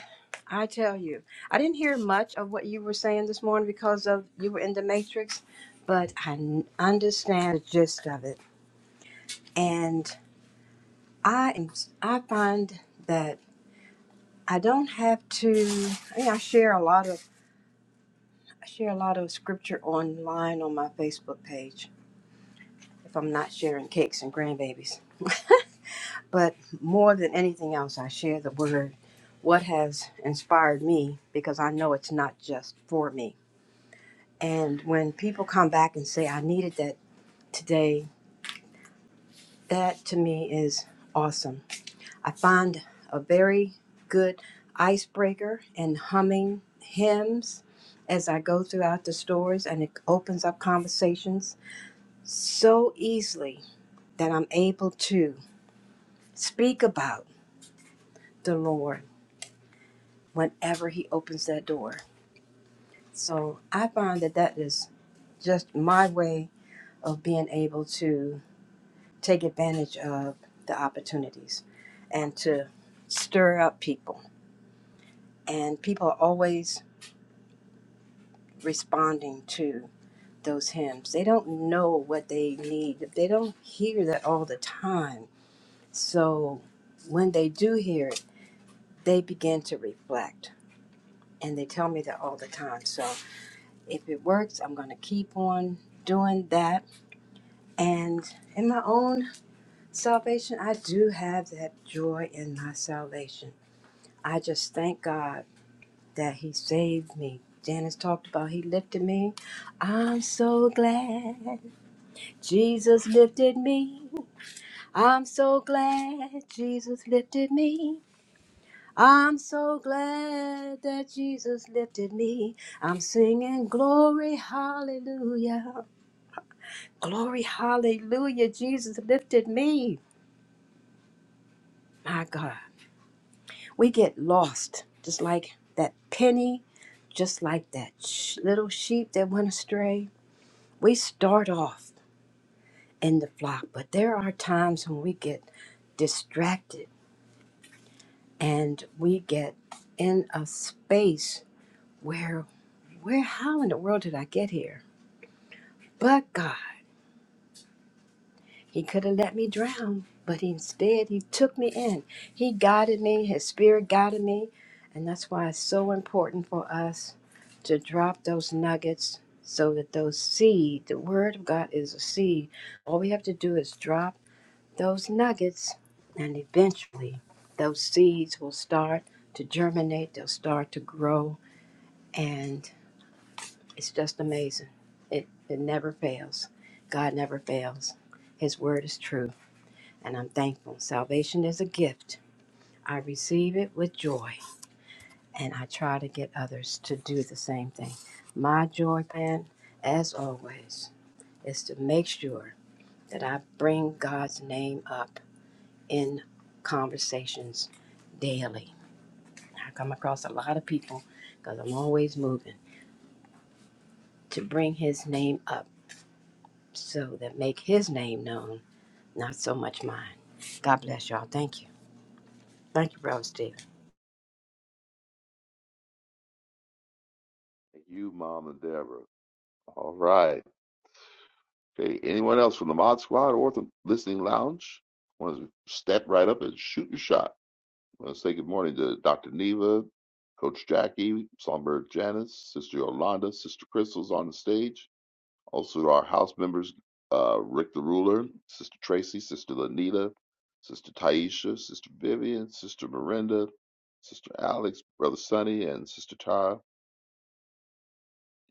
I tell you, I didn't hear much of what you were saying this morning because of you were in the matrix, but I n- understand the gist of it, and I am. I find that I don't have to. I, mean, I share a lot of. I share a lot of scripture online on my Facebook page if I'm not sharing cakes and grandbabies. *laughs* But more than anything else, I share the word, what has inspired me, because I know it's not just for me. And when people come back and say, I needed that today, that to me is awesome. I find a very good icebreaker in humming hymns as I go throughout the stories, and it opens up conversations so easily that I'm able to speak about the Lord whenever He opens that door So I find that that is just my way of being able to take advantage of the opportunities and to stir up people. And people are always responding to those hymns. They don't know what they need, they don't hear that all the time. So when they do hear it, they begin to reflect. And they tell me that all the time. So if it works, I'm going to keep on doing that. And in my own Salvation, I do have that joy in my salvation. I just thank God that He saved me. Janice talked about He lifted me. I'm so glad Jesus lifted me. I'm so glad Jesus lifted me. I'm so glad that Jesus lifted me. I'm singing glory, hallelujah. Glory, hallelujah. Jesus lifted me. My God. we get lost just like that penny just like that sh- little sheep that went astray we start off in the flock but there are times when we get distracted and we get in a space where where how in the world did i get here but god He could have let me drown, but instead he took me in. He guided me, his spirit guided me. And that's why it's so important for us to drop those nuggets so that those seed, the word of God is a seed. All we have to do is drop those nuggets, and eventually those seeds will start to germinate, they'll start to grow, and it's just amazing. It, it never fails. God never fails. His word is true and I'm thankful. Salvation is a gift. I receive it with joy, and I try to get others to do the same thing. My joy plan, as always, is to make sure that I bring God's name up in conversations daily. I come across a lot of people because I'm always moving to bring His name up so that make His name known, not so much mine. God bless y'all. Thank you. Thank you, Brother Steve.
And you, Mom and Deborah. All right. Okay. Anyone else from the Mod Squad or the Listening Lounge? Want to step right up and shoot your shot? Want to say good morning to Dr. Neva, Coach Jackie, Songbird Janice, Sister Yolanda, Sister Crystal's on the stage. Also, to our house members, uh, Rick the Ruler, Sister Tracy, Sister Lanita, Sister Taisha, Sister Vivian, Sister Miranda, Sister Alex, Brother Sonny, and Sister Tara.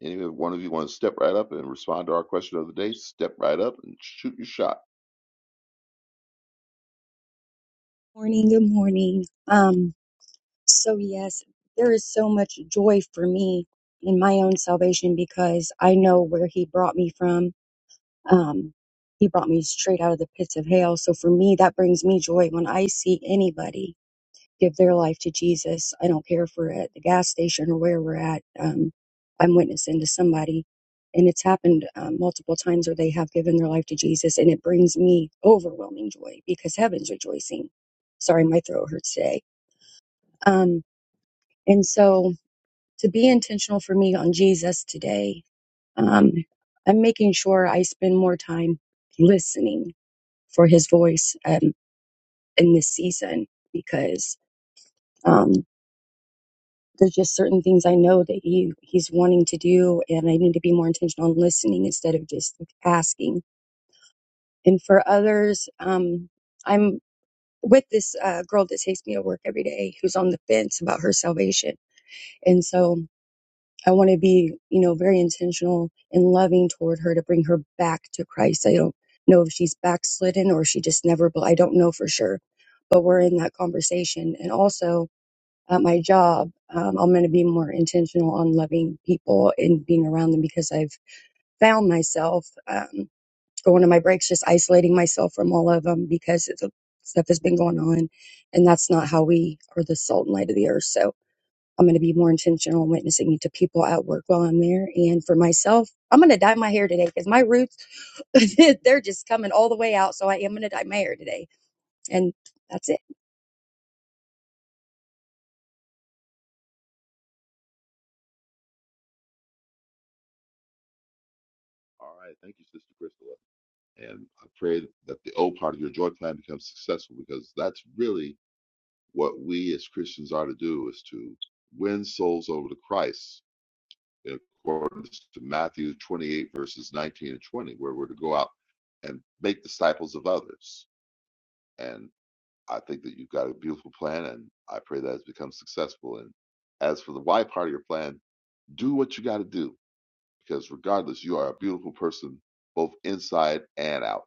Any one of you want to step right up and respond to our question of the day, step right up and shoot your shot.
Morning, good morning. Um, so yes, there is so much joy for me in my own salvation because I know where he brought me from. Um, he brought me straight out of the pits of hell. So for me, that brings me joy when I see anybody give their life to Jesus. I don't care if we're at the gas station or where we're at. Um, I'm witnessing to somebody. And it's happened um, multiple times where they have given their life to Jesus, and it brings me overwhelming joy because heaven's rejoicing. Sorry, my throat hurts today. Um, and so to be intentional for me on Jesus today, um, I'm making sure I spend more time listening for his voice um, in this season because. um, there's just certain things I know that he he's wanting to do, and I need to be more intentional on listening instead of just asking. And for others, um, I'm with this uh, girl that takes me to work every day, who's on the fence about her salvation, and so I want to be, you know, very intentional and loving toward her to bring her back to Christ. I don't know if she's backslidden or she just never, but I don't know for sure. But we're in that conversation, and also at my job, um, I'm going to be more intentional on loving people and being around them because I've found myself um, going to my breaks, just isolating myself from all of them because it's, stuff has been going on. And that's not how we are the salt and light of the earth. So I'm going to be more intentional in witnessing to people at work while I'm there. And for myself, I'm going to dye my hair today because my roots, *laughs* they're just coming all the way out. So I am going to dye my hair today. And that's it.
All right. Thank you, Sister Crystal. And I pray that the O part of your joy plan becomes successful because that's really what we as Christians are to do is to win souls over to Christ in accordance to Matthew 28, verses 19 and 20, where we're to go out and make disciples of others. And I think that you've got a beautiful plan, and I pray that it's become successful. And as for the Y part of your plan, Do what you got to do because, regardless, you are a beautiful person both inside and out.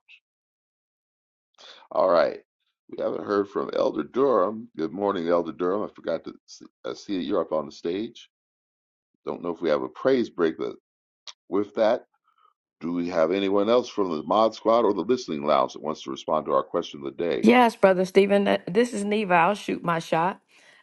All right. We haven't heard from Elder Durham. Good morning, Elder Durham. I forgot to see, I see that you're up on the stage. Don't know if we have a praise break, but with that, do we have anyone else from the Mod Squad or the Listening Lounge that wants to respond to our question of the day?
Yes, Brother Stephen, th- this is Neva. I'll shoot my shot.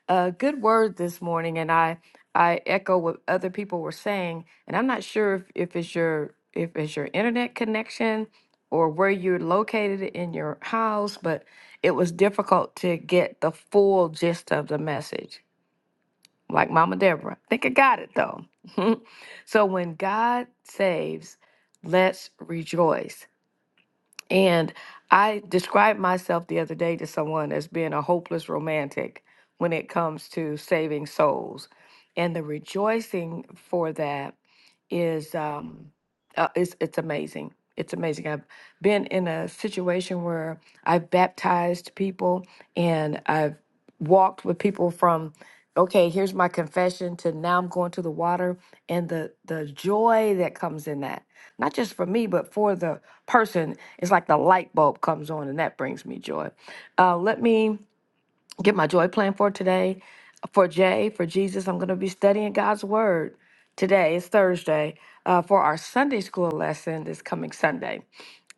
Uh, good word this morning, and I I echo what other people were saying. And I'm not sure if, if it's your if it's your internet connection or where you're located in your house, but it was difficult to get the full gist of the message. Like Mama Deborah, I think I got it though. *laughs* so when God saves, let's rejoice. And I described myself the other day to someone as being a hopeless romantic when it comes to saving souls. And the rejoicing for that is um, uh, it's it's amazing. It's amazing. I've been in a situation where I've baptized people and I've walked with people from okay, here's my confession to now I'm going to the water and the the joy that comes in that. Not just for me, but for the person. It's like the light bulb comes on and that brings me joy. Uh, let me get my joy plan for today. For Jay, for Jesus, I'm going to be studying God's Word today. It's Thursday uh, for our Sunday school lesson this coming Sunday,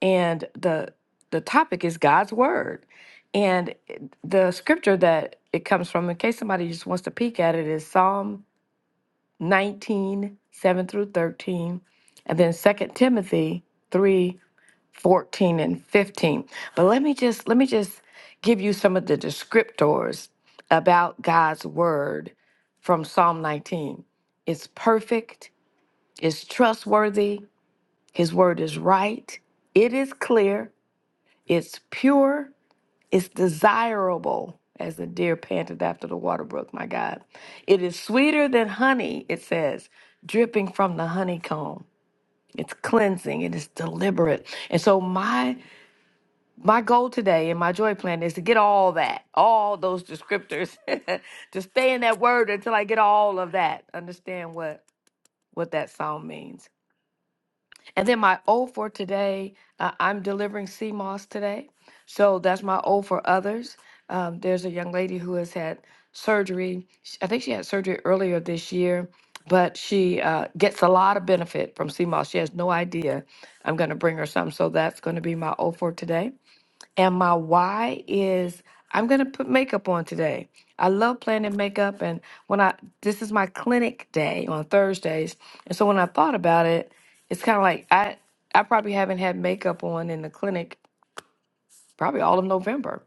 and the the topic is God's Word, and it- the scripture that it comes from. In case somebody just wants to peek at it, is Psalm 19 7 through 13, and then Second Timothy three. 14 and 15. But let me just let me just give you some of the descriptors about God's word from Psalm 19. It's perfect, it's trustworthy, his word is right, it is clear, it's pure, it's desirable as the deer panteth after the water brook, my God. It is sweeter than honey, it says, dripping from the honeycomb. It's cleansing, it is deliberate. And so my My goal today and my joy plan is to get all that, all those descriptors, *laughs* to stay in that word until I get all of that. Understand what what that song means. And then my O for today, uh, I'm delivering sea moss today, so that's my O for others. Um, there's a young lady who has had surgery. Sh- I think she had surgery earlier this year, but she uh, gets a lot of benefit from sea moss. She has no idea. I'm going to bring her some, so that's going to be my O for today. And my why is I'm gonna put makeup on today. I love playing in makeup, and when I this is my clinic day on Thursdays, and so when I thought about it, it's kind of like I I probably haven't had makeup on in the clinic probably all of November,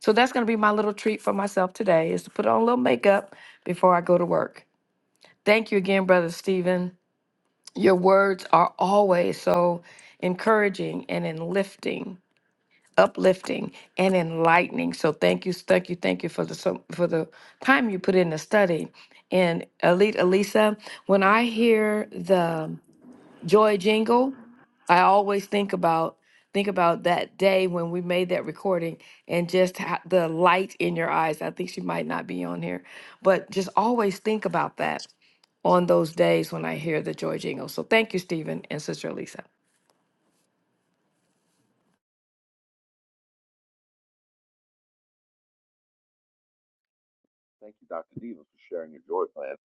so that's gonna be my little treat for myself today is to put on a little makeup before I go to work. Thank you again, brother Stephen. Your words are always so encouraging and enlifting uplifting and enlightening. So thank you, thank you, thank you for the so- for the time you put in the study. And Elite Elisa, when I hear the joy jingle, I always think about think about that day when we made that recording and just ha- the light in your eyes. I think she might not be on here, but just always think about that on those days when I hear the joy jingle. So thank you, Stephen and Sister Elisa.
Thank you, Dr. Neva, for sharing your joy plan.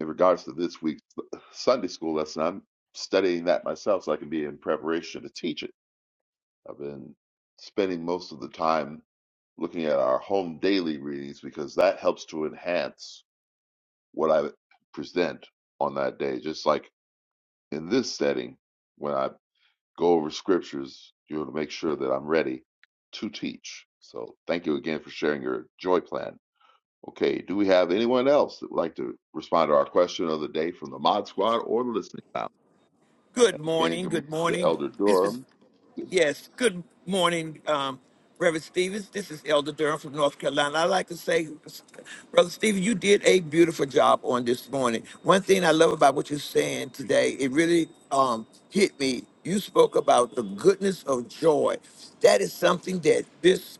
In regards to this week's uh, Sunday school lesson, I'm studying that myself so I can be in preparation to teach it. I've been spending most of the time looking at our home daily readings because that helps to enhance what I present on that day. Just like in this setting, when I go over scriptures, you want to make sure that I'm ready to teach. So thank you again for sharing your joy plan. Okay, do we have anyone else that would like to respond to our question of the day from the Mod Squad or the Listening Lounge? And
Good
again,
morning.
good morning
Good
to
morning.
Elder
This is,
Durham.
yes, good morning, um, Reverend Stevens. This is Elder Durham from North Carolina. I'd like to say, Brother Stevens, you did a beautiful job on this morning. One thing I love about what you're saying today, it really um, hit me. You spoke about the goodness of joy. That is something that this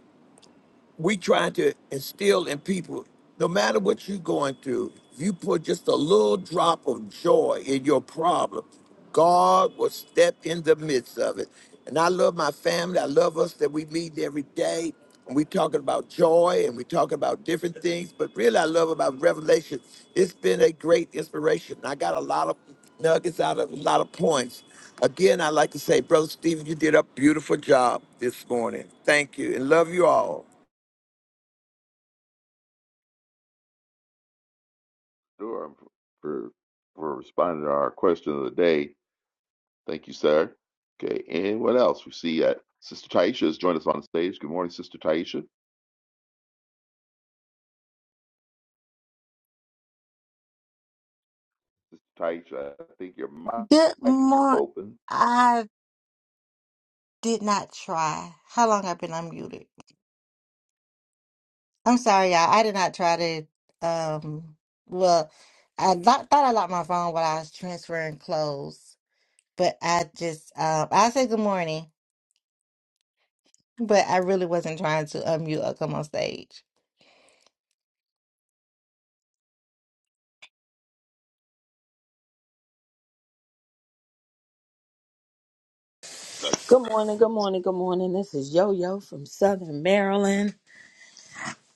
we try to instill in people no matter what you're going through if you put just a little drop of joy in your problem god will step in the midst of it and i love my family i love us that we meet every day and we talking about joy and we talking about different things but really i love about revelation it's been a great inspiration i got a lot of nuggets out of a lot of points again i'd like to say brother stephen you did a beautiful job this morning thank you and love you all
Sure, for for responding to our question of the day. Thank you, sir. Okay, and what else? We see that Sister Taisha has joined us on the stage. Good morning, Sister Taisha. Sister Taisha, I think your
Good
mic is
morning.
open.
I did not try. How long I've been unmuted? I'm sorry, y'all. I did not try to. Um. Well, I lo- thought I locked my phone while I was transferring clothes, but I just. Um. I said good morning, but I really wasn't trying to unmute or come on stage.
Right.
morning, good morning, good morning. This is Yo Yo from Southern Maryland.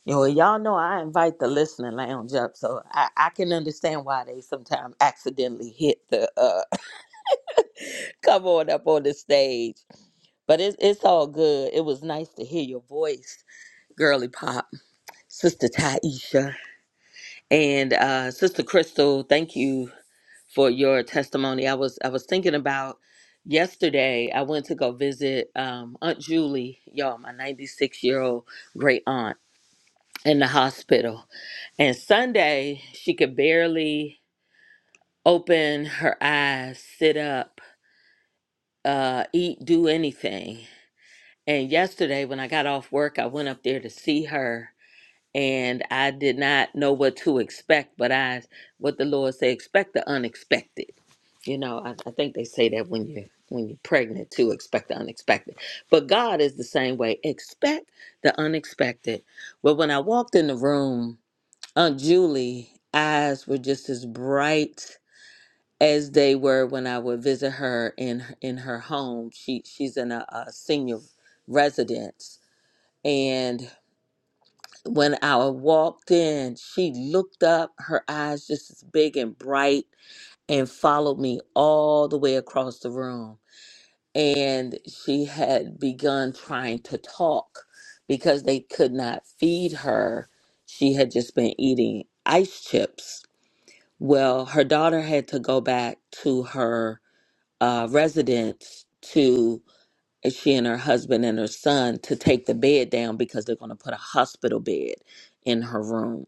You know, y'all know I invite the listening lounge up, so I, I can understand why they sometimes accidentally hit the uh, *laughs* come on up on the stage. But it's it's all good. It was nice to hear your voice, girly pop, Sister Taisha, and uh, Sister Crystal. Thank you for your testimony. I was I was thinking about yesterday. I went to go visit um, Aunt Julie, y'all, my 96 year old great aunt in the hospital. And Sunday she could barely open her eyes, sit up, uh, eat, do anything. And yesterday when I got off work, I went up there to see her. And I did not know what to expect, but I, what the Lord said, expect the unexpected. You know, I, I think they say that when you when you're pregnant too, expect the unexpected. But God is the same way. Expect the unexpected. But when I walked in the room, Aunt Julie eyes were just as bright as they were when I would visit her in in her home. She she's in a, a senior residence. And when I walked in, she looked up, her eyes just as big and bright, and followed me all the way across the room and she had begun trying to talk because they could not feed her. She had just been eating ice chips. Well, her daughter had to go back to her uh, residence to uh, she and her husband and her son to take the bed down because they're going to put a hospital bed in her room.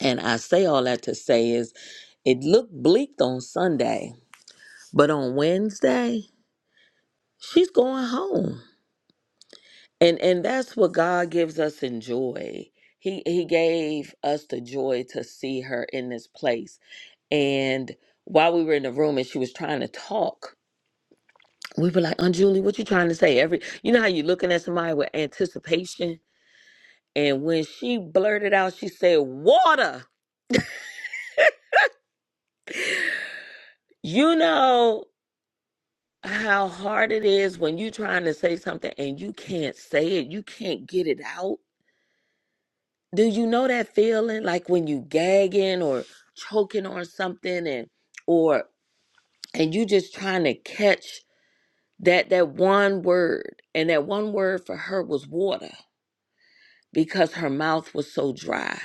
And I say all that to say is it looked bleak on Sunday, but on Wednesday, she's going home and and that's what god gives us in joy he he gave us the joy to see her in this place and while we were in the room and she was trying to talk we were like aunt julie what you trying to say every you know how you looking at somebody with anticipation and when she blurted out she said water you know how hard it is when you trying to say something and you can't say it you can't get it out Do you know that feeling like when you gagging or choking on something and or and you just trying to catch that that one word and that one word for her was water because her mouth was so dry.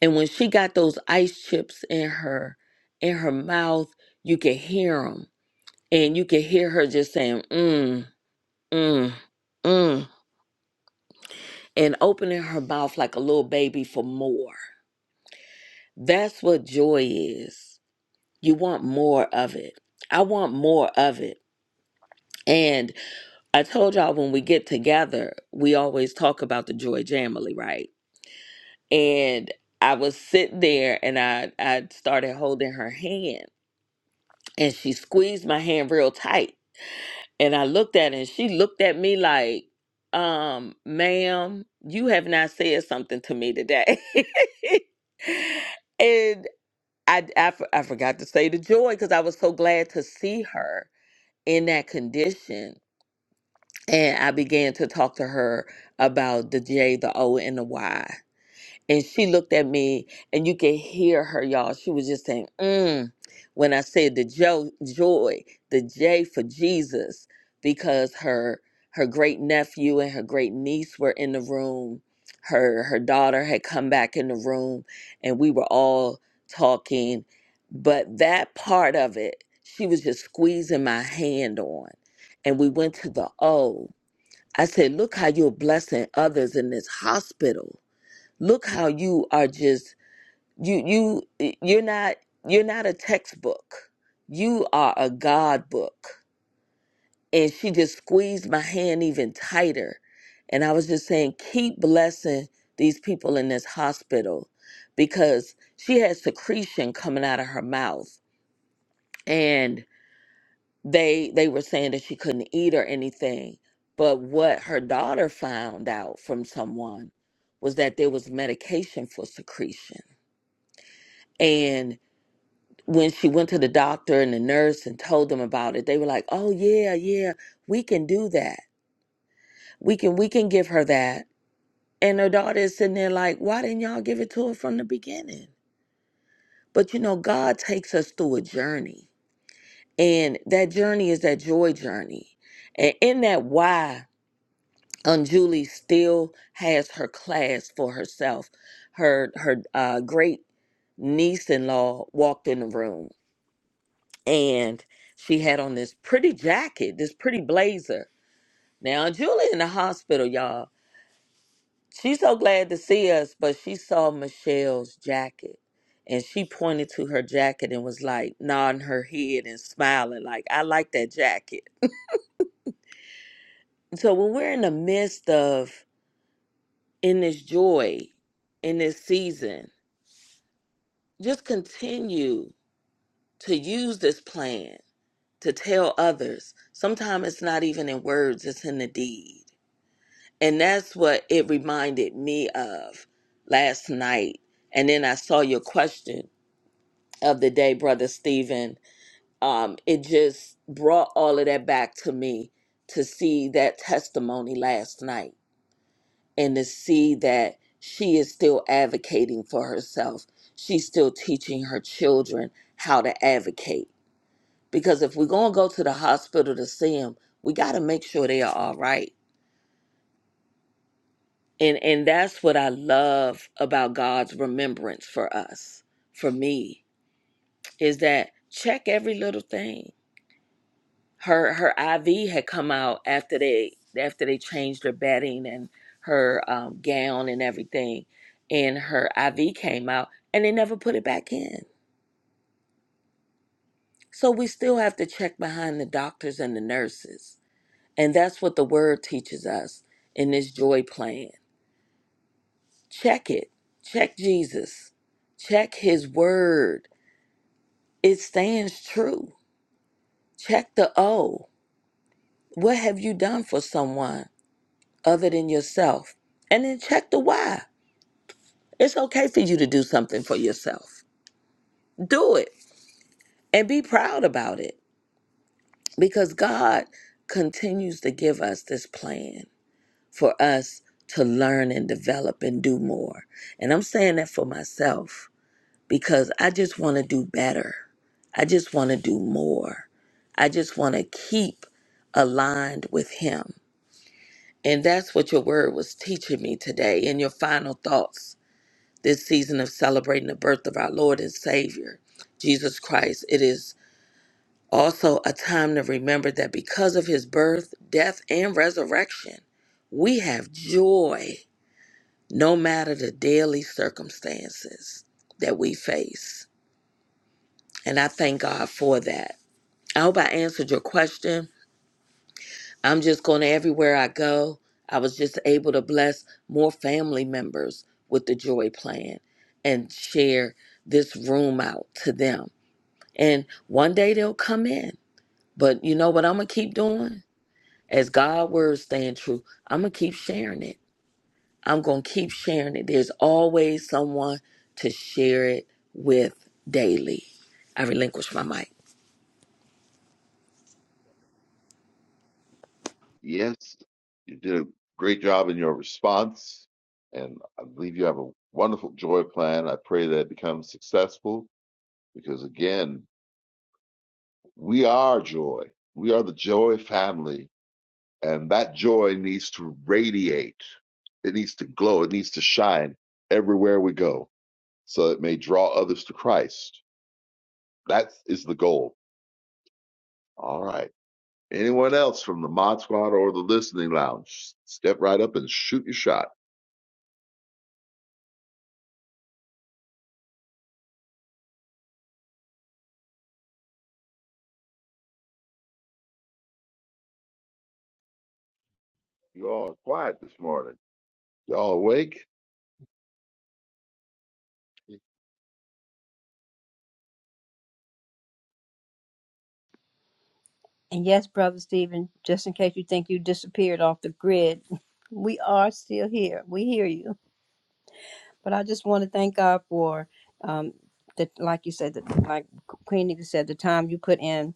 And when she got those ice chips in her in her mouth, you could hear them and you could hear her just saying mm mm mm and opening her mouth like a little baby for more. That's what joy is. You want more of it. I want more of it. And I told y'all when we get together, we always talk about the Joy Jamily, right? And I was sitting there and I, I started holding her hand and she squeezed my hand real tight. And I looked at her and she looked at me like, um, ma'am, you have not said something to me today. *laughs* and I, I, f- I forgot to say the joy because I was so glad to see her in that condition and I began to talk to her about the J, the O, and the Y. And she looked at me, and you could hear her, y'all. She was just saying, mm, when I said the jo- joy, the J for Jesus, because her her great nephew and her great niece were in the room. Her her daughter had come back in the room, and we were all talking. But that part of it, she was just squeezing my hand on, and we went to the O. I said, "Look how you're blessing others in this hospital." Look how you are just you you you're not you're not a textbook. You are a God book. And she just squeezed my hand even tighter. And I was just saying, keep blessing these people in this hospital because she had secretion coming out of her mouth. And they they were saying that she couldn't eat or anything. But what her daughter found out from someone was that there was medication for secretion. when she went to the doctor and the nurse and told them about it, they were like, "Oh yeah, yeah, we can do that. We can we can give her that." And her daughter is sitting there like, "Why didn't y'all give it to her from the beginning?" But you know, God takes us through a journey, and that journey is that joy journey. And in that why, Unjulie still has her class for herself. Her her uh, great niece-in-law walked in the room and she had on this pretty jacket, this pretty blazer. Now Julie in the hospital, y'all. She's so glad to see us, but she saw Michelle's jacket. And she pointed to her jacket and was like nodding her head and smiling, like, I like that jacket. So when we're in the midst of in this joy, in this season, just continue to use this plan to tell others. Sometimes it's not even in words, it's in the deed And that's what it reminded me of last night. And then I saw your question of the day, Brother Stephen. Um, it just brought all of that back to me to see that testimony last night and to see that she is still advocating for herself. She's still teaching her children how to advocate. Because if we're going to go to the hospital to see them, we got to make sure they are all right and and that's what i love about god's remembrance for us for me is that check every little thing her her iv had come out after they after they changed her bedding and her um, gown and everything and her iv came out and they never put it back in so we still have to check behind the doctors and the nurses and that's what the word teaches us in this joy plan check it check jesus check his word It stands true. Check the O. What have you done for someone other than yourself? And then check the why. It's okay for you to do something for yourself. Do it and be proud about it because God continues to give us this plan for us to learn and develop and do more. And I'm saying that for myself because I just want to do better. I just want to do more. I just want to keep aligned with Him. And that's what your word was teaching me today in your final thoughts this season of celebrating the birth of our Lord and Savior, Jesus Christ. It is also a time to remember that because of his birth, death, and resurrection, we have joy no matter the daily circumstances that we face. And I thank God for that. I hope I answered your question. I'm just going to everywhere I go. I was just able to bless more family members with the joy plan and share this room out to them. And one day they'll come in. But you know what I'm going to keep doing? As God words stand true, I'm going to keep sharing it. I'm going to keep sharing it. There's always someone to share it with daily. I relinquish my mic.
Yes, you did a great job in your response, and I believe you have a wonderful joy plan. I pray that it becomes successful because, again, we are joy. We are the joy family And that joy needs to radiate, it needs to glow, it needs to shine everywhere we go so it may draw others to Christ. That is the goal. All right. Anyone else from the Mod Squad or the Listening Lounge? Step right up and shoot your shot. You all are quiet this morning. Y'all awake?
And yes, Brother Stephen, just in case you think you disappeared off the grid, *laughs* we are still here. We hear you. But I just want to thank God for, um, the, like you said, the, like Queen Eva said, the time you put in.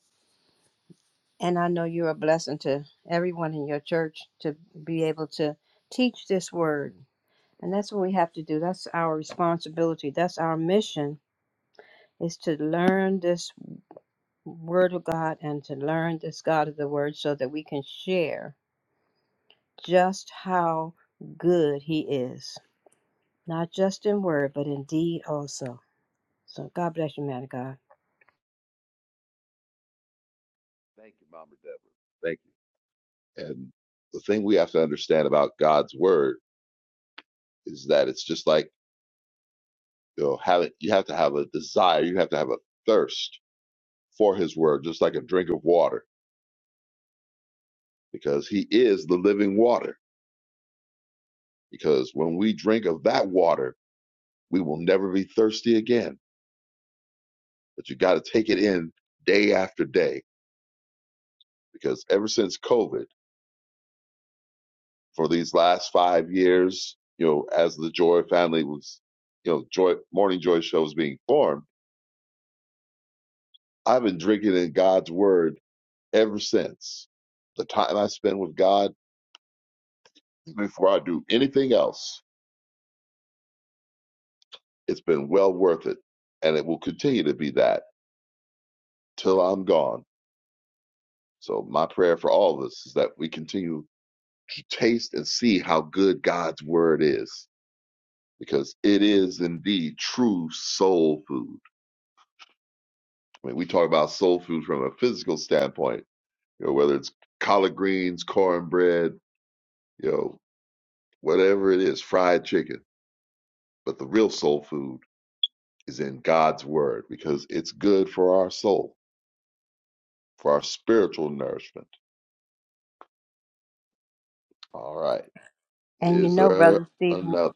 And I know you're a blessing to everyone in your church to be able to teach this word. And that's what we have to do. That's our responsibility. That's our mission is to learn this word of God and to learn this God of the word so that we can share just how good he is, not just in word, but in deed also. So God bless you, man of God.
Thank you, Mama Deborah. Thank you. And the thing we have to understand about God's word is that it's just like you know, having you have to have a desire, you have to have a thirst for his word, just like a drink of water, because he is the living water. Because when we drink of that water, we will never be thirsty again. But you got to take it in day after day, because ever since COVID, for these last five years, you know, as the Joy family was, you know, Joy Morning Joy show was being formed, I've been drinking in God's word ever since. The time I spend with God before I do anything else, it's been well worth it and it will continue to be that till I'm gone. So my prayer for all of us is that we continue to taste and see how good God's word is, because it is indeed true soul food. I mean, we talk about soul food from a physical standpoint, you know, whether it's collard greens, cornbread, you know, whatever it is, fried chicken. But the real soul food is in God's word because it's good for our soul, for our spiritual nourishment. All right.
And you
Is
know,
there
brother Steve,
another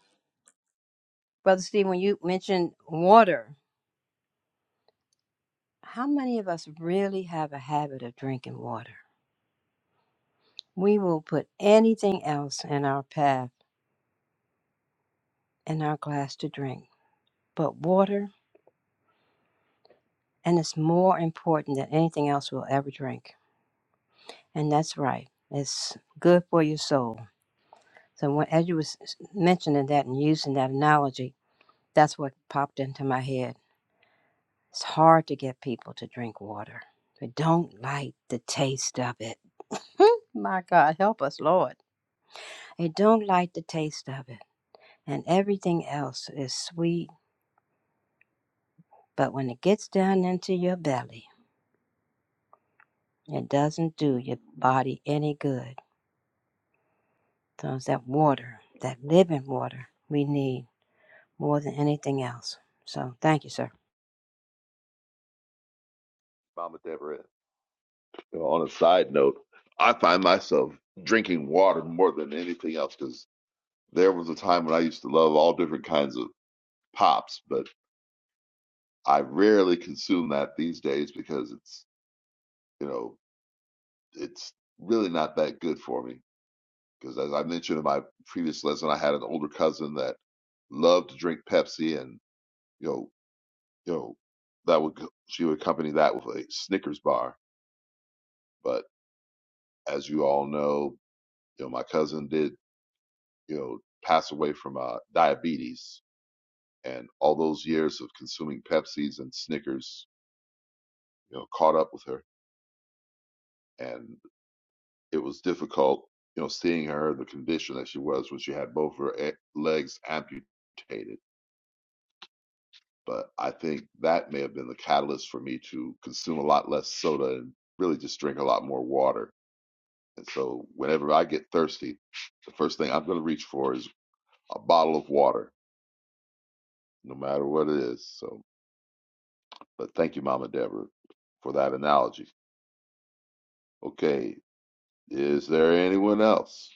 brother Steve, when you mentioned water, how many of us really have a habit of drinking water? We will put anything else in our path, in our glass to drink, but water, and it's more important than anything else we'll ever drink. And that's right. It's good for your soul. So when, as you was mentioning that and using that analogy, That's what popped into my head. It's hard to get people to drink water. They don't like the taste of it. *laughs* my God, help us, Lord. They don't like the taste of it. And everything else is sweet, but when it gets down into your belly, it doesn't do your body any good. So it's that water, that living water we need more than anything else. So thank you, sir.
Mama Deborah? You know, on a side note, I find myself drinking water more than anything else because there was a time when I used to love all different kinds of pops, but I rarely consume that these days because it's, you know, it's really not that good for me. Because as I mentioned in my previous lesson, I had an older cousin that loved to drink Pepsi, and you know, you know, that would she would accompany that with a Snickers bar. But as you all know, you know, my cousin did you know, passed away from uh, diabetes, and all those years of consuming Pepsis and Snickers, you know, caught up with her, and it was difficult, you know, seeing her the condition that she was when she had both her e- legs amputated. But I think that may have been the catalyst for me to consume a lot less soda and really just drink a lot more water. And so, whenever I get thirsty, the first thing I'm going to reach for is a bottle of water, no matter what it is. So, But thank you, Mama Deborah, for that analogy. Okay, is there anyone else?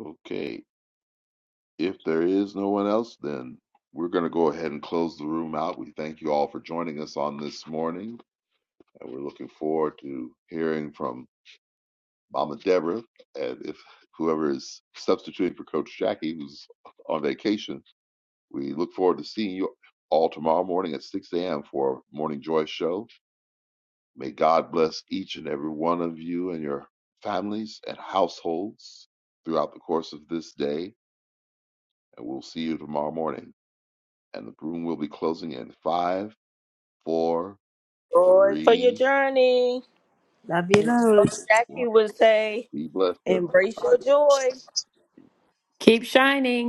Okay, if there is no one else, then we're going to go ahead and close the room out. We thank you all for joining us on this morning, and we're looking forward to hearing from Mama Deborah and if whoever is substituting for Coach Jackie, who's on vacation. We look forward to seeing you all tomorrow morning at 6 a.m. for our Morning Joy Show. May God bless each and every one of you and your families and households throughout the course of this day. And we'll see you tomorrow morning. And the room will be closing in five, four,
Joy for your
three.
journey.
Love you,
And as
Lord.
Coach
one.
Jackie would say,
Be blessed,
Embrace your
everybody.
joy.
Keep shining.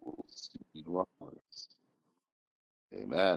We'll see you tomorrow morning. Amen.